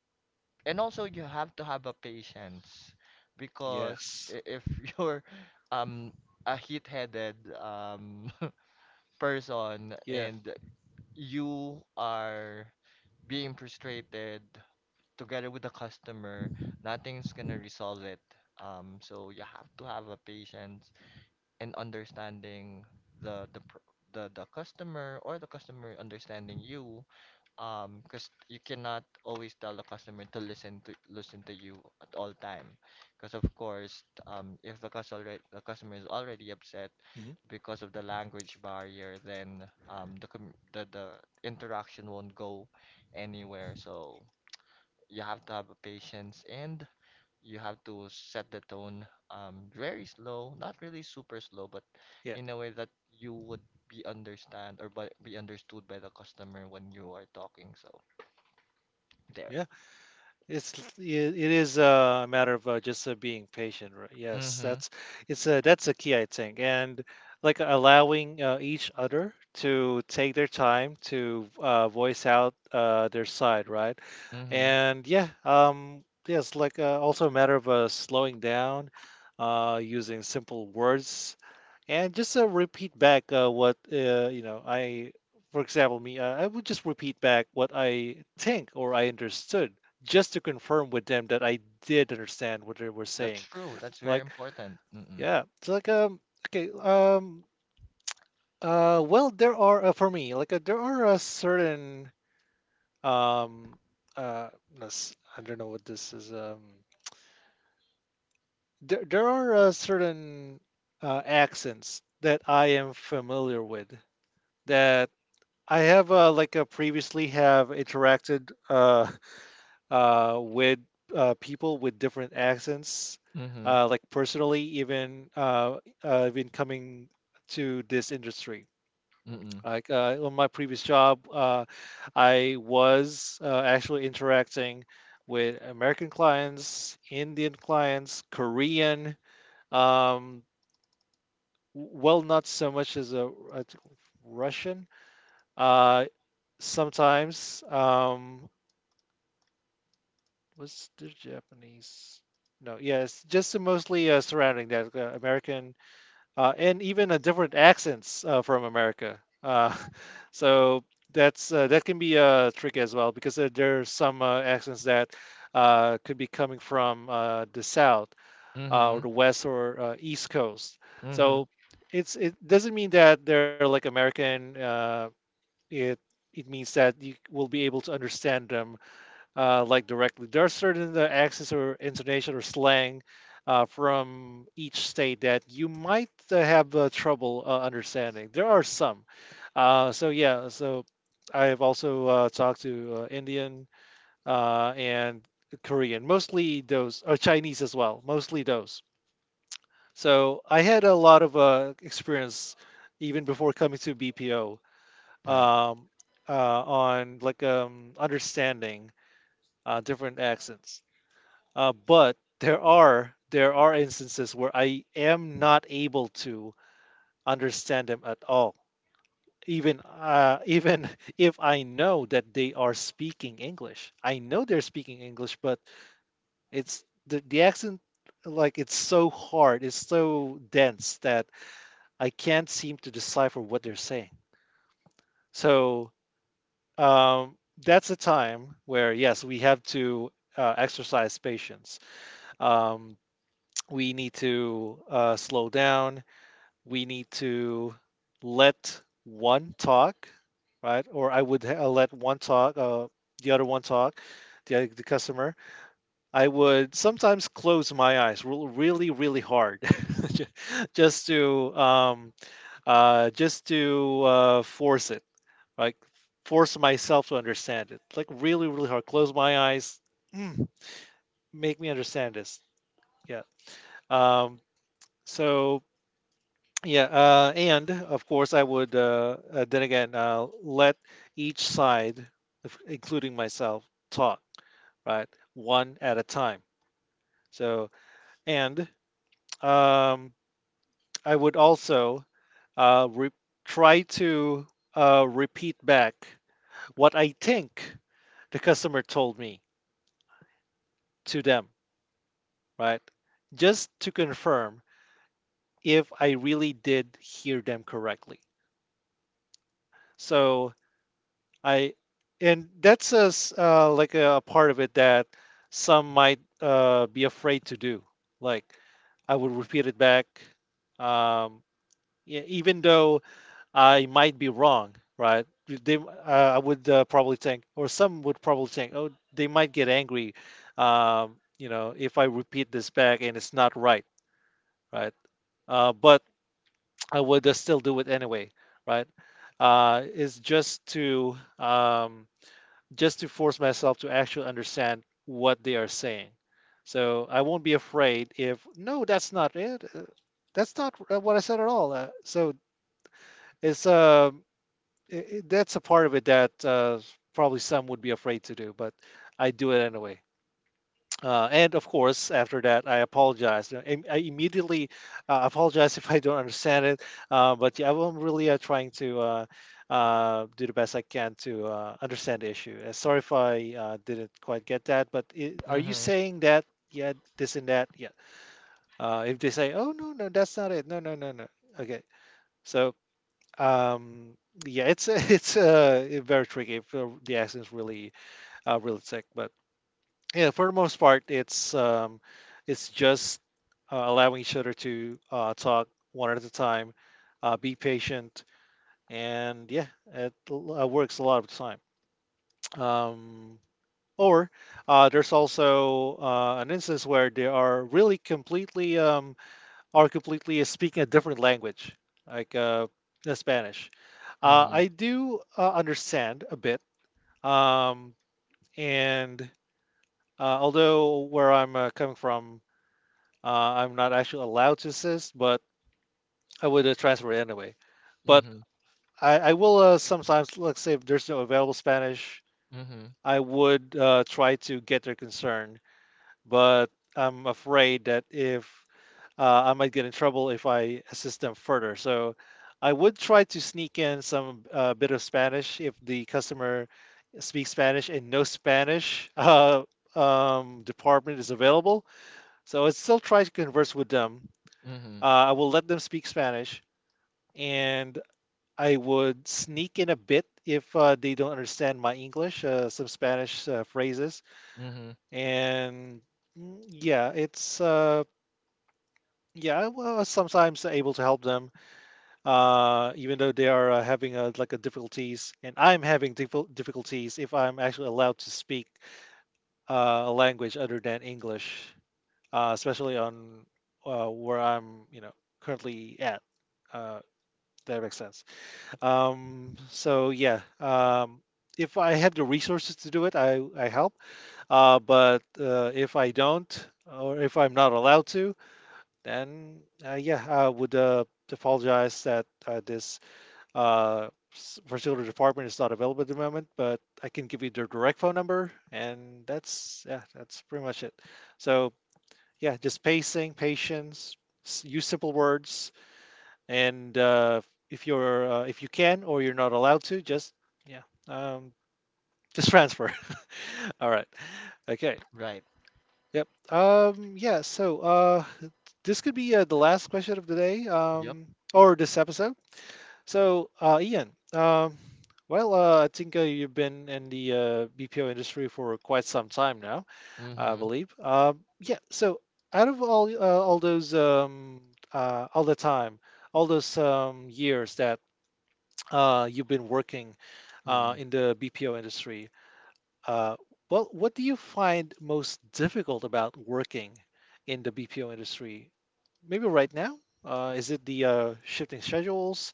Speaker 2: and also you have to have a patience because
Speaker 1: yes,
Speaker 2: if you're um, a heat headed person
Speaker 1: yeah,
Speaker 2: and you are being frustrated together with the customer, nothing's gonna resolve it. So you have to have a patience and understanding the the pr- the customer or the customer understanding you. Because you cannot always tell the customer to listen to you at all time. Because of course, if the customer is already upset
Speaker 1: hmm
Speaker 2: because of the language barrier, then the com the interaction won't go anywhere. So you have to have a patience and you have to set the tone very slow, not really super slow, but
Speaker 1: yeah,
Speaker 2: in a way that you would be understood by the customer when you are talking. So there.
Speaker 1: yeah. It it is a matter of just being patient, right? Yes,
Speaker 2: Mhm.
Speaker 1: that's it's a that's a key I think, and like allowing each other to take their time to voice out their side, right?
Speaker 2: Mhm.
Speaker 1: And yeah, yes, like also a matter of slowing down, using simple words and just repeat back what you know. I, for example, me, I would just repeat back what I think or I understood, just to confirm with them that I did understand what they were
Speaker 2: That's
Speaker 1: saying.
Speaker 2: true. That's very
Speaker 1: Like,
Speaker 2: important. Mhm.
Speaker 1: yeah, it's like okay, well, there are for me, like there are a certain um, uh, I don't know what this is. There there are certain accents that I am familiar with that I have previously have interacted with people with different accents,
Speaker 2: Mhm.
Speaker 1: like personally, even even coming to this industry.
Speaker 2: Mhm.
Speaker 1: Like on my previous job, I was actually interacting with American clients, Indian clients, Korean, um, well, not so much as a Russian. Uh, sometimes. Was the Japanese? No, yes, just mostly surrounding that American and even a different accents from America. So that's that can be a trick as well because there are some accents that could be coming from the South or
Speaker 2: Mhm.
Speaker 1: the West or East Coast.
Speaker 2: Mhm.
Speaker 1: So it doesn't mean that they're like American. It it means that you will be able to understand them like directly. There are certain accents or intonation or slang from each state that you might have trouble understanding. There are some. So yeah, so I have also talked to Indian and Korean, mostly those, or Chinese as well, mostly those. So I had a lot of experience even before coming to BPO
Speaker 2: Right.
Speaker 1: um, on like understanding different accents. But there are instances where I am not able to understand them at all. Even even if I know that they are speaking English, I know they're speaking English, but it's the accent like it's so hard, it's so dense that I can't seem to decipher what they're saying. So um, that's a time where yes, we have to exercise patience. Um, we need to slow down. We need to let one talk, right? Or I would let one talk, the other one talk, the customer. I would sometimes close my eyes really, really hard, ju- just to um, just to force it, like force myself to understand it. Like really, really hard. Close my eyes. Mm, make me understand this. Yeah. Um, so Yeah, and of course, I would then again let each side, including myself, talk, right? One at a time. So, and um, I would also uh, re- try to repeat back what I think the customer told me to them, right? Just to confirm if I really did hear them correctly. So, I and that's like a part of it that some might be afraid to do. Like I would repeat it back, um, yeah, even though I might be wrong, right? I would probably think, or some would probably think, oh, they might get angry, you know, if I repeat this back and it's not right, right? But I would still do it anyway, right? It's just to force myself to actually understand what they are saying. So I won't be afraid if no, that's not it. That's not what I said at all. So it's that's a part of it that probably some would be afraid to do, but I do it anyway. And of course, after that, I apologize. I immediately apologize if I don't understand it. But yeah, I'm really trying to do the best I can to understand the issue. Sorry if I didn't quite get that. But I are you
Speaker 2: Mhm.
Speaker 1: saying that? Yeah, this and that. Yeah. If they say, "Oh no, no, that's not it. No, no, no, no." Okay. So, um, yeah, it's it's very tricky if the accent's really really thick. But yeah, for the most part it's just allowing each other to talk one at a time, be patient, and yeah, it works a lot of the time, um or there's also an instance where they are really completely are completely speaking a different language like the Spanish.
Speaker 2: Mhm.
Speaker 1: I do understand a bit. um, and although where I'm coming from, uh, I'm not actually allowed to assist, but I would transfer it anyway. But
Speaker 2: Mhm.
Speaker 1: I will sometimes, let's say if there's no available Spanish,
Speaker 2: Mhm.
Speaker 1: I would try to get their concern. But I'm afraid that if I might get in trouble if I assist them further. So I would try to sneak in some bit of Spanish if the customer speaks Spanish and no Spanish department is available. So I still try to converse with them.
Speaker 2: Mhm.
Speaker 1: I will let them speak Spanish, and I would sneak in a bit if they don't understand my English, some Spanish phrases,
Speaker 2: Mhm.
Speaker 1: and yeah, it's yeah, well, sometimes able to help them, even though they are having like a difficulties, and I'm having difficulties if I'm actually allowed to speak a language other than English, especially on where I'm, you know, currently at. Uh, that makes sense. So yeah, if I have the resources to do it, I help. But if I don't, or if I'm not allowed to, then yeah, I would apologize that this particular department is not available at the moment. But I can give you their direct phone number, and that's yeah, that's pretty much it. So yeah, just pacing, patience, use simple words, and if you're if you can or you're not allowed to, just yeah, um, just transfer. All right. Okay.
Speaker 2: Right.
Speaker 1: Yep. Yeah, so this could be the last question of the day,
Speaker 2: Yep.
Speaker 1: or this episode. So Ian, I think you've been in the BPO industry for quite some time now, I
Speaker 2: Mhm.
Speaker 1: believe. Yeah, so out of all those all the time, all those years that you've been working
Speaker 2: Mhm.
Speaker 1: in the BPO industry. Uh, well, what do you find most difficult about working in the BPO industry? Maybe right now? Is it the shifting schedules,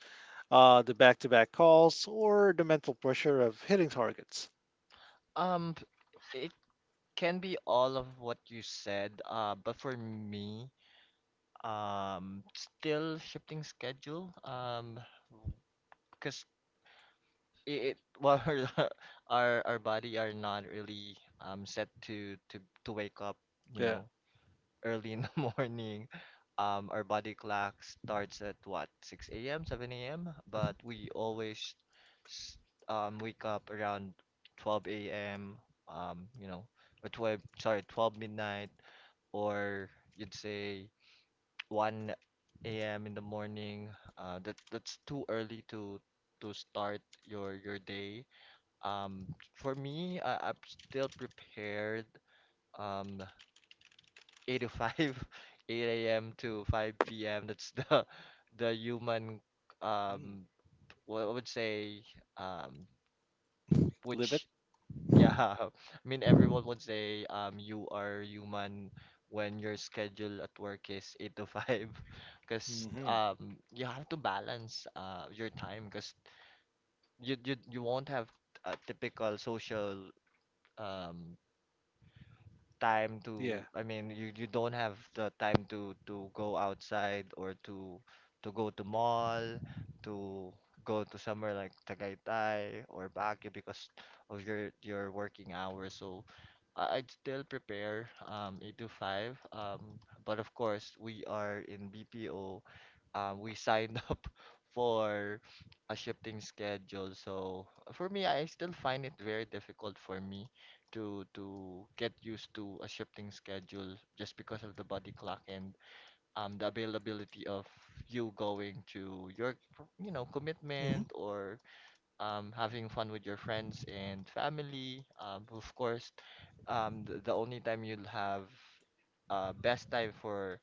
Speaker 1: the back-to-back calls, or the mental pressure of hitting targets?
Speaker 2: It can be all of what you said, but for me, still shifting schedule, because it well, our body are not really set to wake up, you
Speaker 1: Yeah.
Speaker 2: know, early in the morning. Our body clock starts at what, 6 a.m., 7 a.m.,
Speaker 1: Mhm.
Speaker 2: but we always s- wake up around 12 a.m., um, you know, or 12, sorry, 12 midnight or you'd say 1 a.m. in the morning. That that's too early to start your day. Um, for me, I'm still prepared. Um, 8 to 5, 8 a.m. to 5 p.m. That's the human
Speaker 1: Mm.
Speaker 2: um, what I would say, um,
Speaker 1: Limit.
Speaker 2: which Yeah, I mean, everyone would say you are human when your schedule at work is 8 to 5, because
Speaker 1: Hmm.
Speaker 2: you have to balance your time because you won't have a typical social um time
Speaker 1: Yeah.
Speaker 2: to, I mean, you don't have the time to go outside or to go to mall, to go to somewhere like Tagaytay or Baguio because of your working hours. So I'd still prepare 8 to 5. But of course, we are in BPO. We signed up for a shifting schedule. So for me, I still find it very difficult for me to get used to a shifting schedule just because of the body clock and the availability of you going to your,
Speaker 1: Hmm.
Speaker 2: commitment or having fun with your friends and family, of course, the only time you'll have best time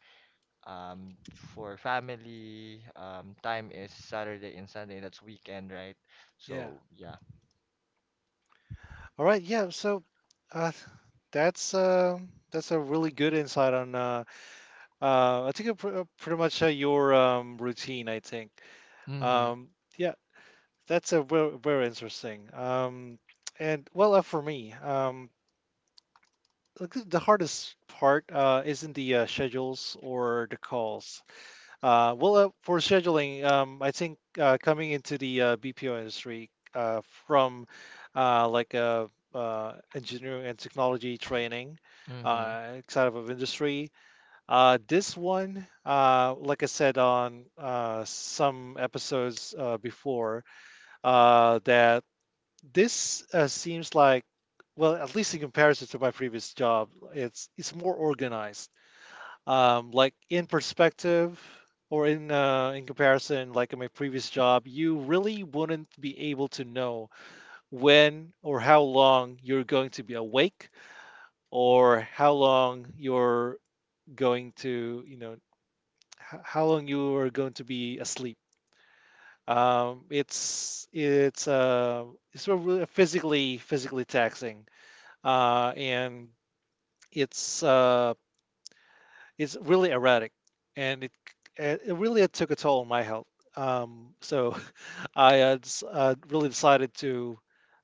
Speaker 2: um for family time is Saturday and Sunday, that's weekend, right?
Speaker 1: Yeah.
Speaker 2: So yeah.
Speaker 1: All right. Yeah. So uh, that's uh, that's a really good insight on I think I pretty much your routine. I think.
Speaker 2: Mhm.
Speaker 1: Um, yeah, that's a very, very interesting. And well, for me, look, the hardest part isn't the schedules or the calls. Well, for scheduling, I think coming into the BPO industry from like a engineering and technology training,
Speaker 2: Mhm.
Speaker 1: side of industry, this one, like I said on some episodes before, that this seems like, well, at least in comparison to my previous job, it's more organized. Like in perspective, or in comparison, like in my previous job, you really wouldn't be able to know when or how long you're going to be awake, or how long you're going to, you know, how long you are going to be asleep. It's it's a really physically taxing, and it's uh, it's really erratic, and it really had took a toll on my health. So I really decided to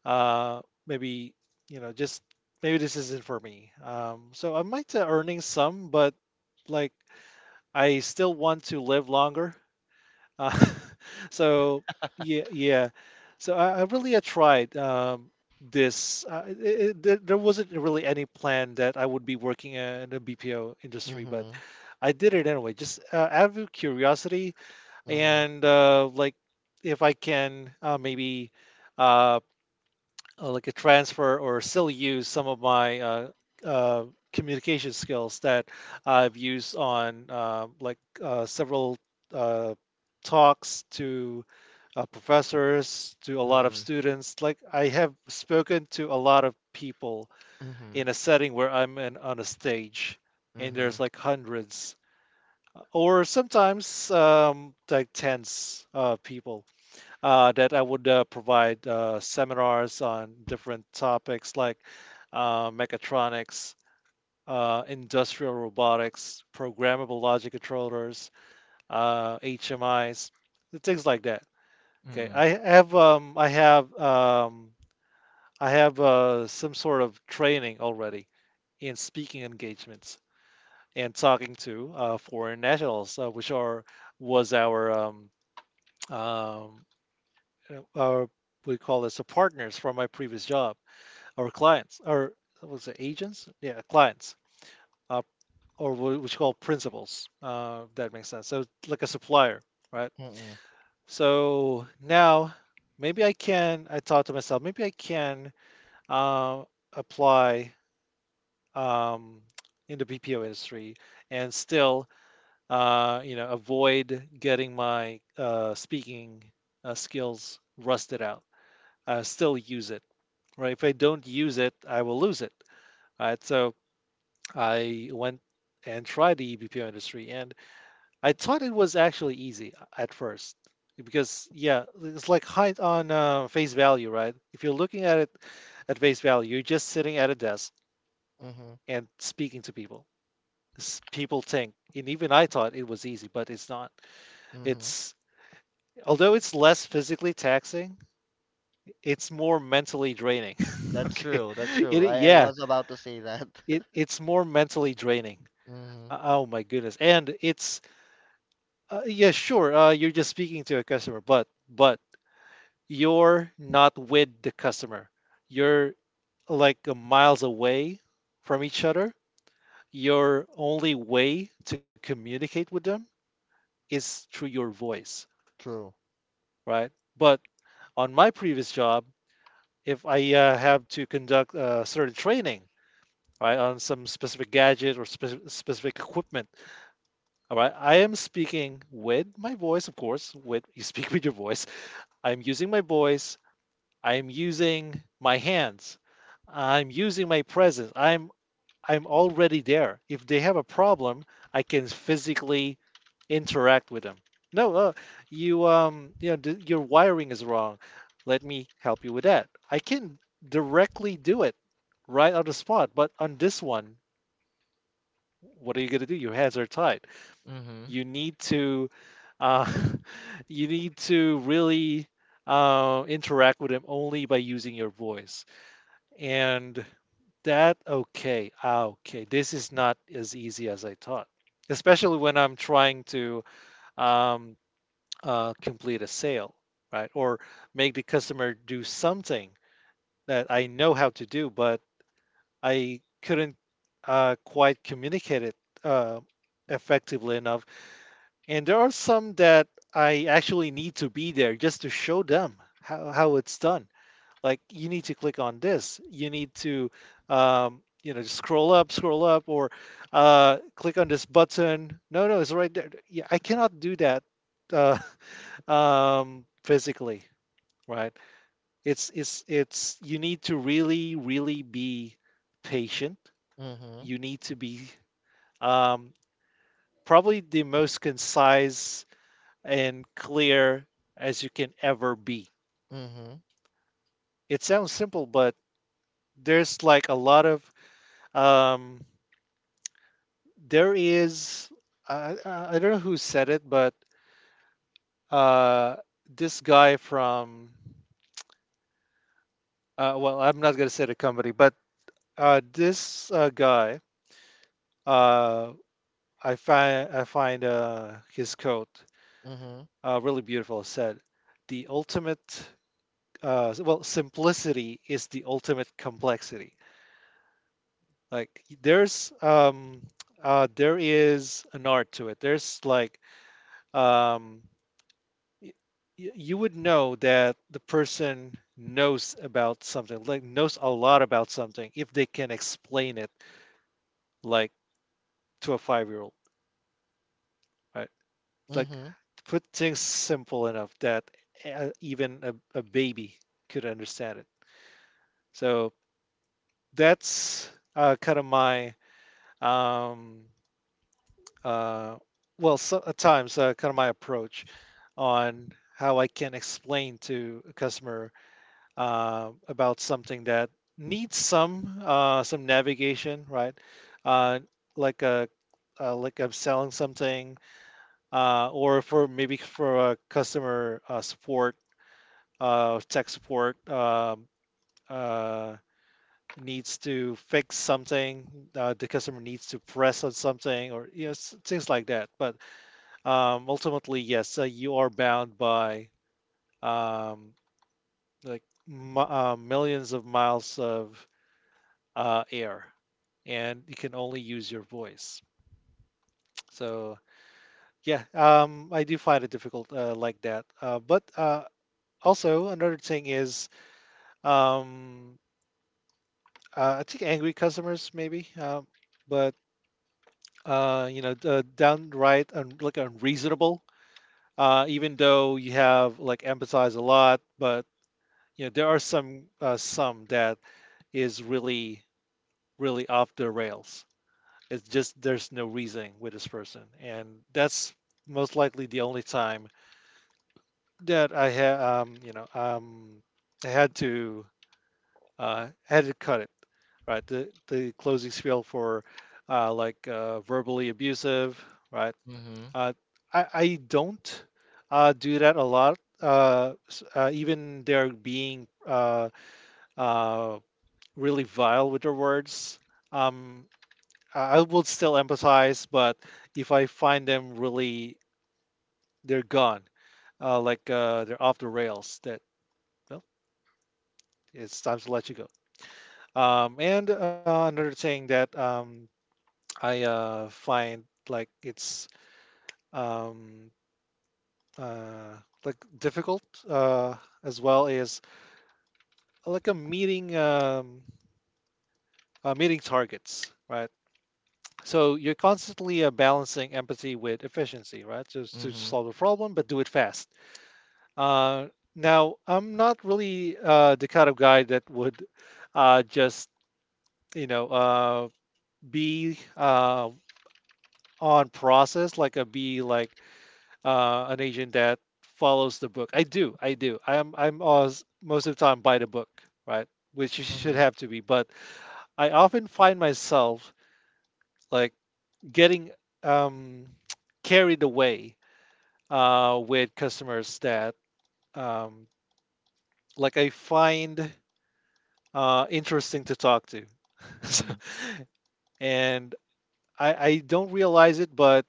Speaker 1: maybe you know just maybe this isn't for me. So I might earning some, but like I still want to live longer. Uh, so yeah, yeah. So I really had tried this. It, it, there wasn't really any plan that I would be working in the BPO industry, but
Speaker 2: Mm-hmm.
Speaker 1: I did it anyway, just out of curiosity
Speaker 2: Mm-hmm.
Speaker 1: and like if I can maybe. Uh, like a transfer or still use some of my uh, communication skills that I've used on like several uh, talks to professors, to a lot of
Speaker 2: Mm-hmm.
Speaker 1: students. Like I have spoken to a lot of people
Speaker 2: Mm-hmm.
Speaker 1: in a setting where on a stage, and
Speaker 2: Mhm.
Speaker 1: there's like hundreds or sometimes like tens of people that I would provide seminars on different topics like mechatronics, industrial robotics, programmable logic controllers, HMIs, things like that. Okay,
Speaker 2: Mm-mm.
Speaker 1: I have some sort of training already in speaking engagements and talking to foreign nationals, which are was our um, our, we call this a partners from my previous job, our clients, our, what was it, agents? Yeah, clients, uh, or what we call principals. If that makes sense. So like a supplier, right?
Speaker 2: Mhm.
Speaker 1: So now maybe I can. I thought to myself, maybe I can uh, apply um, in the BPO industry and still, you know, avoid getting my speaking skills rusted out. Still use it, right? If I don't use it, I will lose it, right? So I went and tried the eBPO industry, and I thought it was actually easy at first because yeah, it's like height on face value, right? If you're looking at it at face value, you're just sitting at a desk
Speaker 2: Mhm.
Speaker 1: and speaking to people. People think, and even I thought it was easy, but it's not.
Speaker 2: Mhm.
Speaker 1: It's although it's less physically taxing, it's more mentally draining.
Speaker 2: That's
Speaker 1: Okay,
Speaker 2: true. That's true.
Speaker 1: it
Speaker 2: I
Speaker 1: yeah,
Speaker 2: was about to say that.
Speaker 1: it it's more mentally draining.
Speaker 2: Mhm.
Speaker 1: Oh my goodness. And it's yeah, sure. You're just speaking to a customer, but you're not with the customer. You're like a miles away from each other. Your only way to communicate with them is through your voice,
Speaker 2: True.
Speaker 1: right? But on my previous job, if I have to conduct a certain training, right, on some specific gadget or specific equipment, all right, I am speaking with my voice, of course. With you speak with your voice, I'm using my voice. I'm using my hands. I'm using my presence. I'm already there. If they have a problem, I can physically interact with them. No, you know, your wiring is wrong. Let me help you with that. I can directly do it right on the spot. But on this one, what are you gonna do? Your hands are tied.
Speaker 2: Mm-hmm.
Speaker 1: You need to uh, you need to really interact with them only by using your voice. And that, okay, ah, okay, this is not as easy as I thought, especially when I'm trying to um, complete a sale, right? Or make the customer do something that I know how to do, but I couldn't quite communicate it uh, effectively enough. And there are some that I actually need to be there just to show them how it's done. Like you need to click on this. You need to, you know, just scroll up, or click on this button. No, no, it's right there. Yeah, I cannot do that uh, physically, right? It's you need to really really be patient.
Speaker 2: Mhm.
Speaker 1: You need to be um, probably the most concise and clear as you can ever be.
Speaker 2: Mhm.
Speaker 1: It sounds simple, but there's like a lot of um, there is I don't know who said it, but uh, this guy from well, I'm not gonna say the company, but this guy, uh, I find his coat
Speaker 2: Mhm.
Speaker 1: really beautiful. It said the ultimate well, simplicity is the ultimate complexity. Like there's um uh there is an art to it. There's like, um y- you would know that the person knows about something, like knows a lot about something, if they can explain it like to a 5-year old, right? Like
Speaker 2: Mhm.
Speaker 1: put things simple enough that even a baby could understand it. So that's kind of my um uh well so, at times, kind of my approach on how I can explain to a customer about something that needs some navigation, right? Uh, like a, like I'm selling something, or for maybe for a customer support, tech support, uh, needs to fix something, the customer needs to press on something, or yes, things like that. But ultimately, yes, you are bound by um, like millions of miles of air, and you can only use your voice. So yeah, I do find it difficult like that. But also another thing is um, I think angry customers maybe, but you know, downright like unreasonable. Even though you have like emphasized a lot, but you know there are some that is really really off the rails. It's just there's no reasoning with this person, and that's most likely the only time that I had, you know, I had to had to cut it. Right, the closing spiel for like verbally abusive. Right,
Speaker 2: Mm-hmm.
Speaker 1: uh, I don't do that a lot. Even they're being uh, really vile with their words. Um, I would still empathize, but if I find them really, they're gone, like they're off the rails, that well, it's time to let you go. And another thing that I find like it's um, uh, like difficult uh, as well is like a meeting targets, right? So you're constantly balancing empathy with efficiency, right? Just to
Speaker 2: Mm-hmm.
Speaker 1: solve the problem, but do it fast. Uh, now, I'm not really the kind of guy that would just, you know, be on process like a be like an agent that follows the book. I do, I do. I'm always, most of the time, by the book, right? Which you should
Speaker 2: Mm-hmm.
Speaker 1: have to be. But I often find myself like getting um, carried away with customers that um, like I find interesting to talk to. So,
Speaker 2: Mm-hmm.
Speaker 1: and I don't realize it, but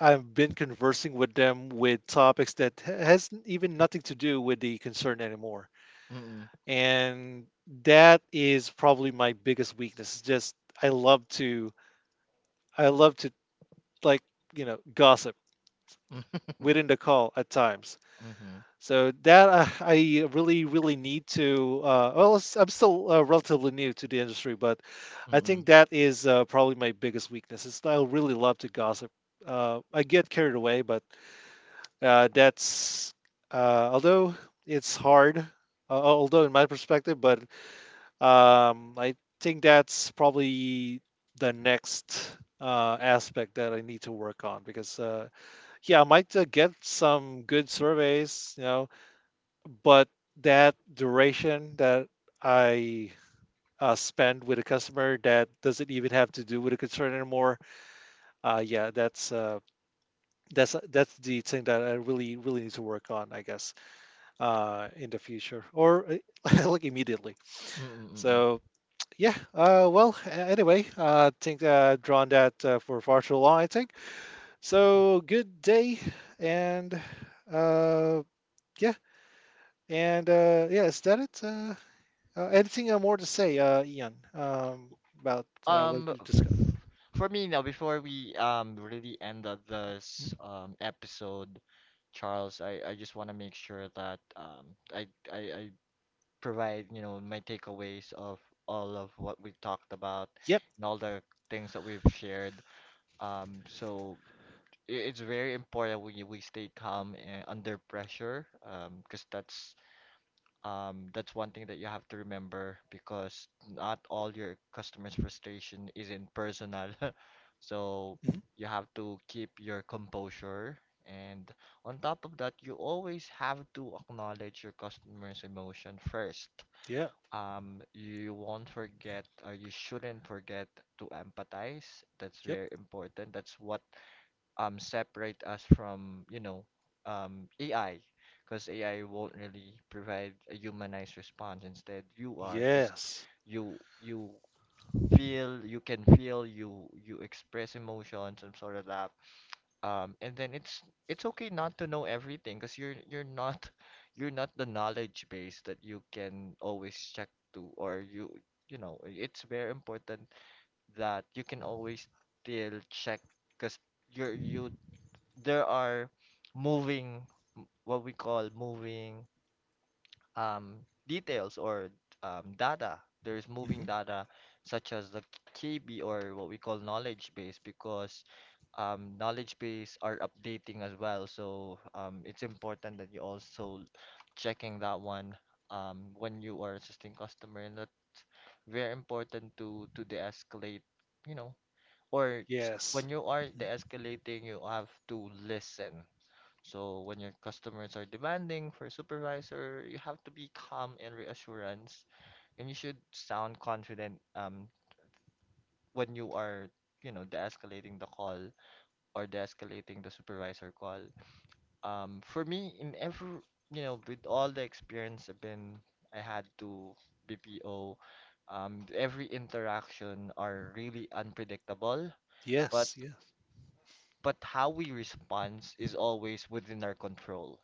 Speaker 1: I've been conversing with them with topics that has even nothing to do with the concern anymore.
Speaker 2: Mm-mm.
Speaker 1: And that is probably my biggest weakness. Is just I love to I love to like, you know, gossip within the call at times.
Speaker 2: Mm-hmm.
Speaker 1: So that I really, really need to. I'm still relatively new to the industry, but I think
Speaker 2: Mm-mm.
Speaker 1: that is probably my biggest weakness. Is I really love to gossip. I get carried away, but that's although it's hard, although in my perspective, but I think that's probably the next aspect that I need to work on because yeah, I might get some good surveys, you know, but that duration that I spend with a customer that doesn't even have to do with a concern anymore. Yeah, that's the thing that I really really need to work on, I guess, in the future or like immediately.
Speaker 2: Mm-mm. Mm-mm.
Speaker 1: So yeah, well, anyway, I think drawn that for far too long, I think. So good day, and uh, yeah, yeah, is that it? Anything more to say, Ian, about what
Speaker 2: Um,
Speaker 1: we've discussed?
Speaker 2: f- for me now, before we really end up this
Speaker 1: Mhm.
Speaker 2: episode, Charles, I just want to make sure that I provide, my takeaways of all of what we talked about
Speaker 1: Yep.
Speaker 2: and all the things that we've shared. So it's very important we stay calm and under pressure, because that's one thing that you have to remember because not all your customers' frustration isn't personal. So
Speaker 1: Hmm.
Speaker 2: you have to keep your composure and on top of that, you always have to acknowledge your customer's emotion first.
Speaker 1: Yeah.
Speaker 2: You won't forget or you shouldn't forget to empathize. That's
Speaker 1: Yep.
Speaker 2: very important. That's what separate us from, AI. Because AI won't really provide a humanized response. Instead, you are, because
Speaker 1: Yes.
Speaker 2: you feel, you can feel, you express emotions and sort of that, and then it's okay not to know everything because you're not you're not the knowledge base that you can always check to, or you know it's very important that you can always still check because you're you there are moving, what we call, moving um, details or data. There is moving
Speaker 1: Hmm.
Speaker 2: data such as the KB or what we call knowledge base, because knowledge base are updating as well. So it's important that you also checking that one when you are assisting customer, and that's very important to de-escalate, you know, or
Speaker 1: Yes.
Speaker 2: when you are
Speaker 1: Mhm.
Speaker 2: de-escalating, you have to listen so when your customers are demanding for a supervisor, you have to be calm and reassurance, and you should sound confident when you are, de-escalating the call or de-escalating the supervisor call. For me, in every, with all the experience I've been, I had to BPO, every interaction are really unpredictable, but
Speaker 1: Yes. Yes.
Speaker 2: but how we respond is always within our control,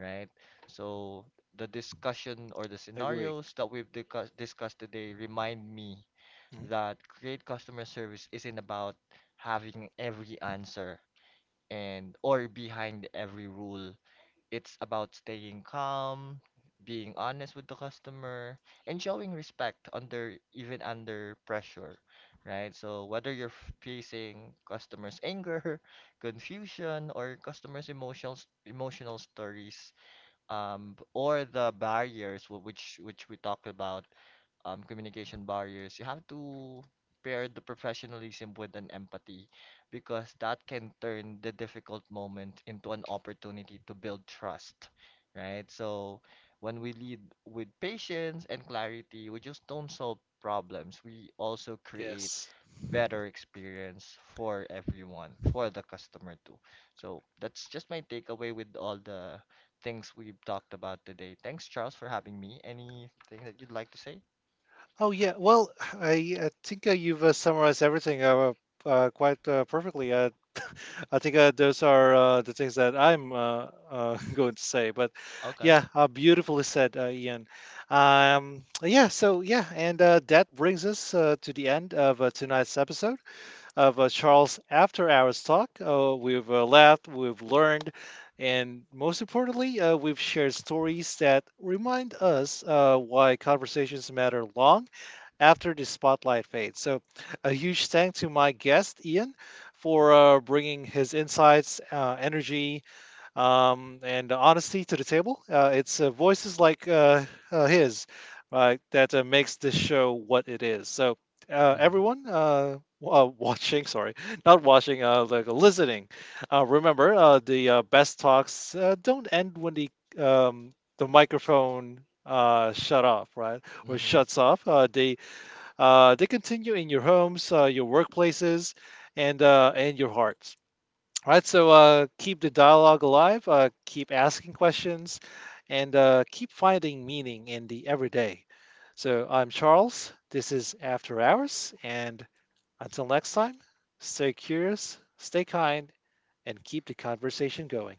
Speaker 2: right? So the discussion or the
Speaker 1: Agree.
Speaker 2: scenarios that we've discussed today remind me
Speaker 1: Hmm.
Speaker 2: that great customer service isn't about having every answer and or behind every rule. It's about staying calm, being honest with the customer, and showing respect under even under pressure, right? So whether you're facing customers' anger, confusion, or customers' emotional stories, or the barriers which we talked about, communication barriers, you have to pair the professionalism with an empathy because that can turn the difficult moment into an opportunity to build trust, right? So when we lead with patience and clarity, we just don't solve problems. We also create
Speaker 1: Yes.
Speaker 2: better experience for everyone, for the customer too. So that's just my takeaway with all the things we've talked about today. Thanks, Charles, for having me. Anything that you'd like to say?
Speaker 1: Oh yeah. Well, I think you've summarized everything quite perfectly. I think those are the things that I'm going to say. But
Speaker 2: Okay.
Speaker 1: yeah, beautifully said, Ian. Yeah, so yeah, and that brings us to the end of tonight's episode of Charles After Hours Talk. We've laughed, we've learned, and most importantly, we've shared stories that remind us why conversations matter long after the spotlight fades. So, a huge thanks to my guest, Ian, for bringing his insights, energy, and honesty to the table. It's voices like his that makes this show what it is. So,
Speaker 2: Mhm.
Speaker 1: everyone watching, sorry, not watching, like listening, remember the best talks don't end when the microphone shut off, right? Or
Speaker 2: Mhm.
Speaker 1: shuts off. They continue in your homes, your workplaces, and your hearts. All right, so keep the dialogue alive. Keep asking questions, and keep finding meaning in the everyday. So I'm Charles. This is After Hours, and until next time, stay curious, stay kind, and keep the conversation going.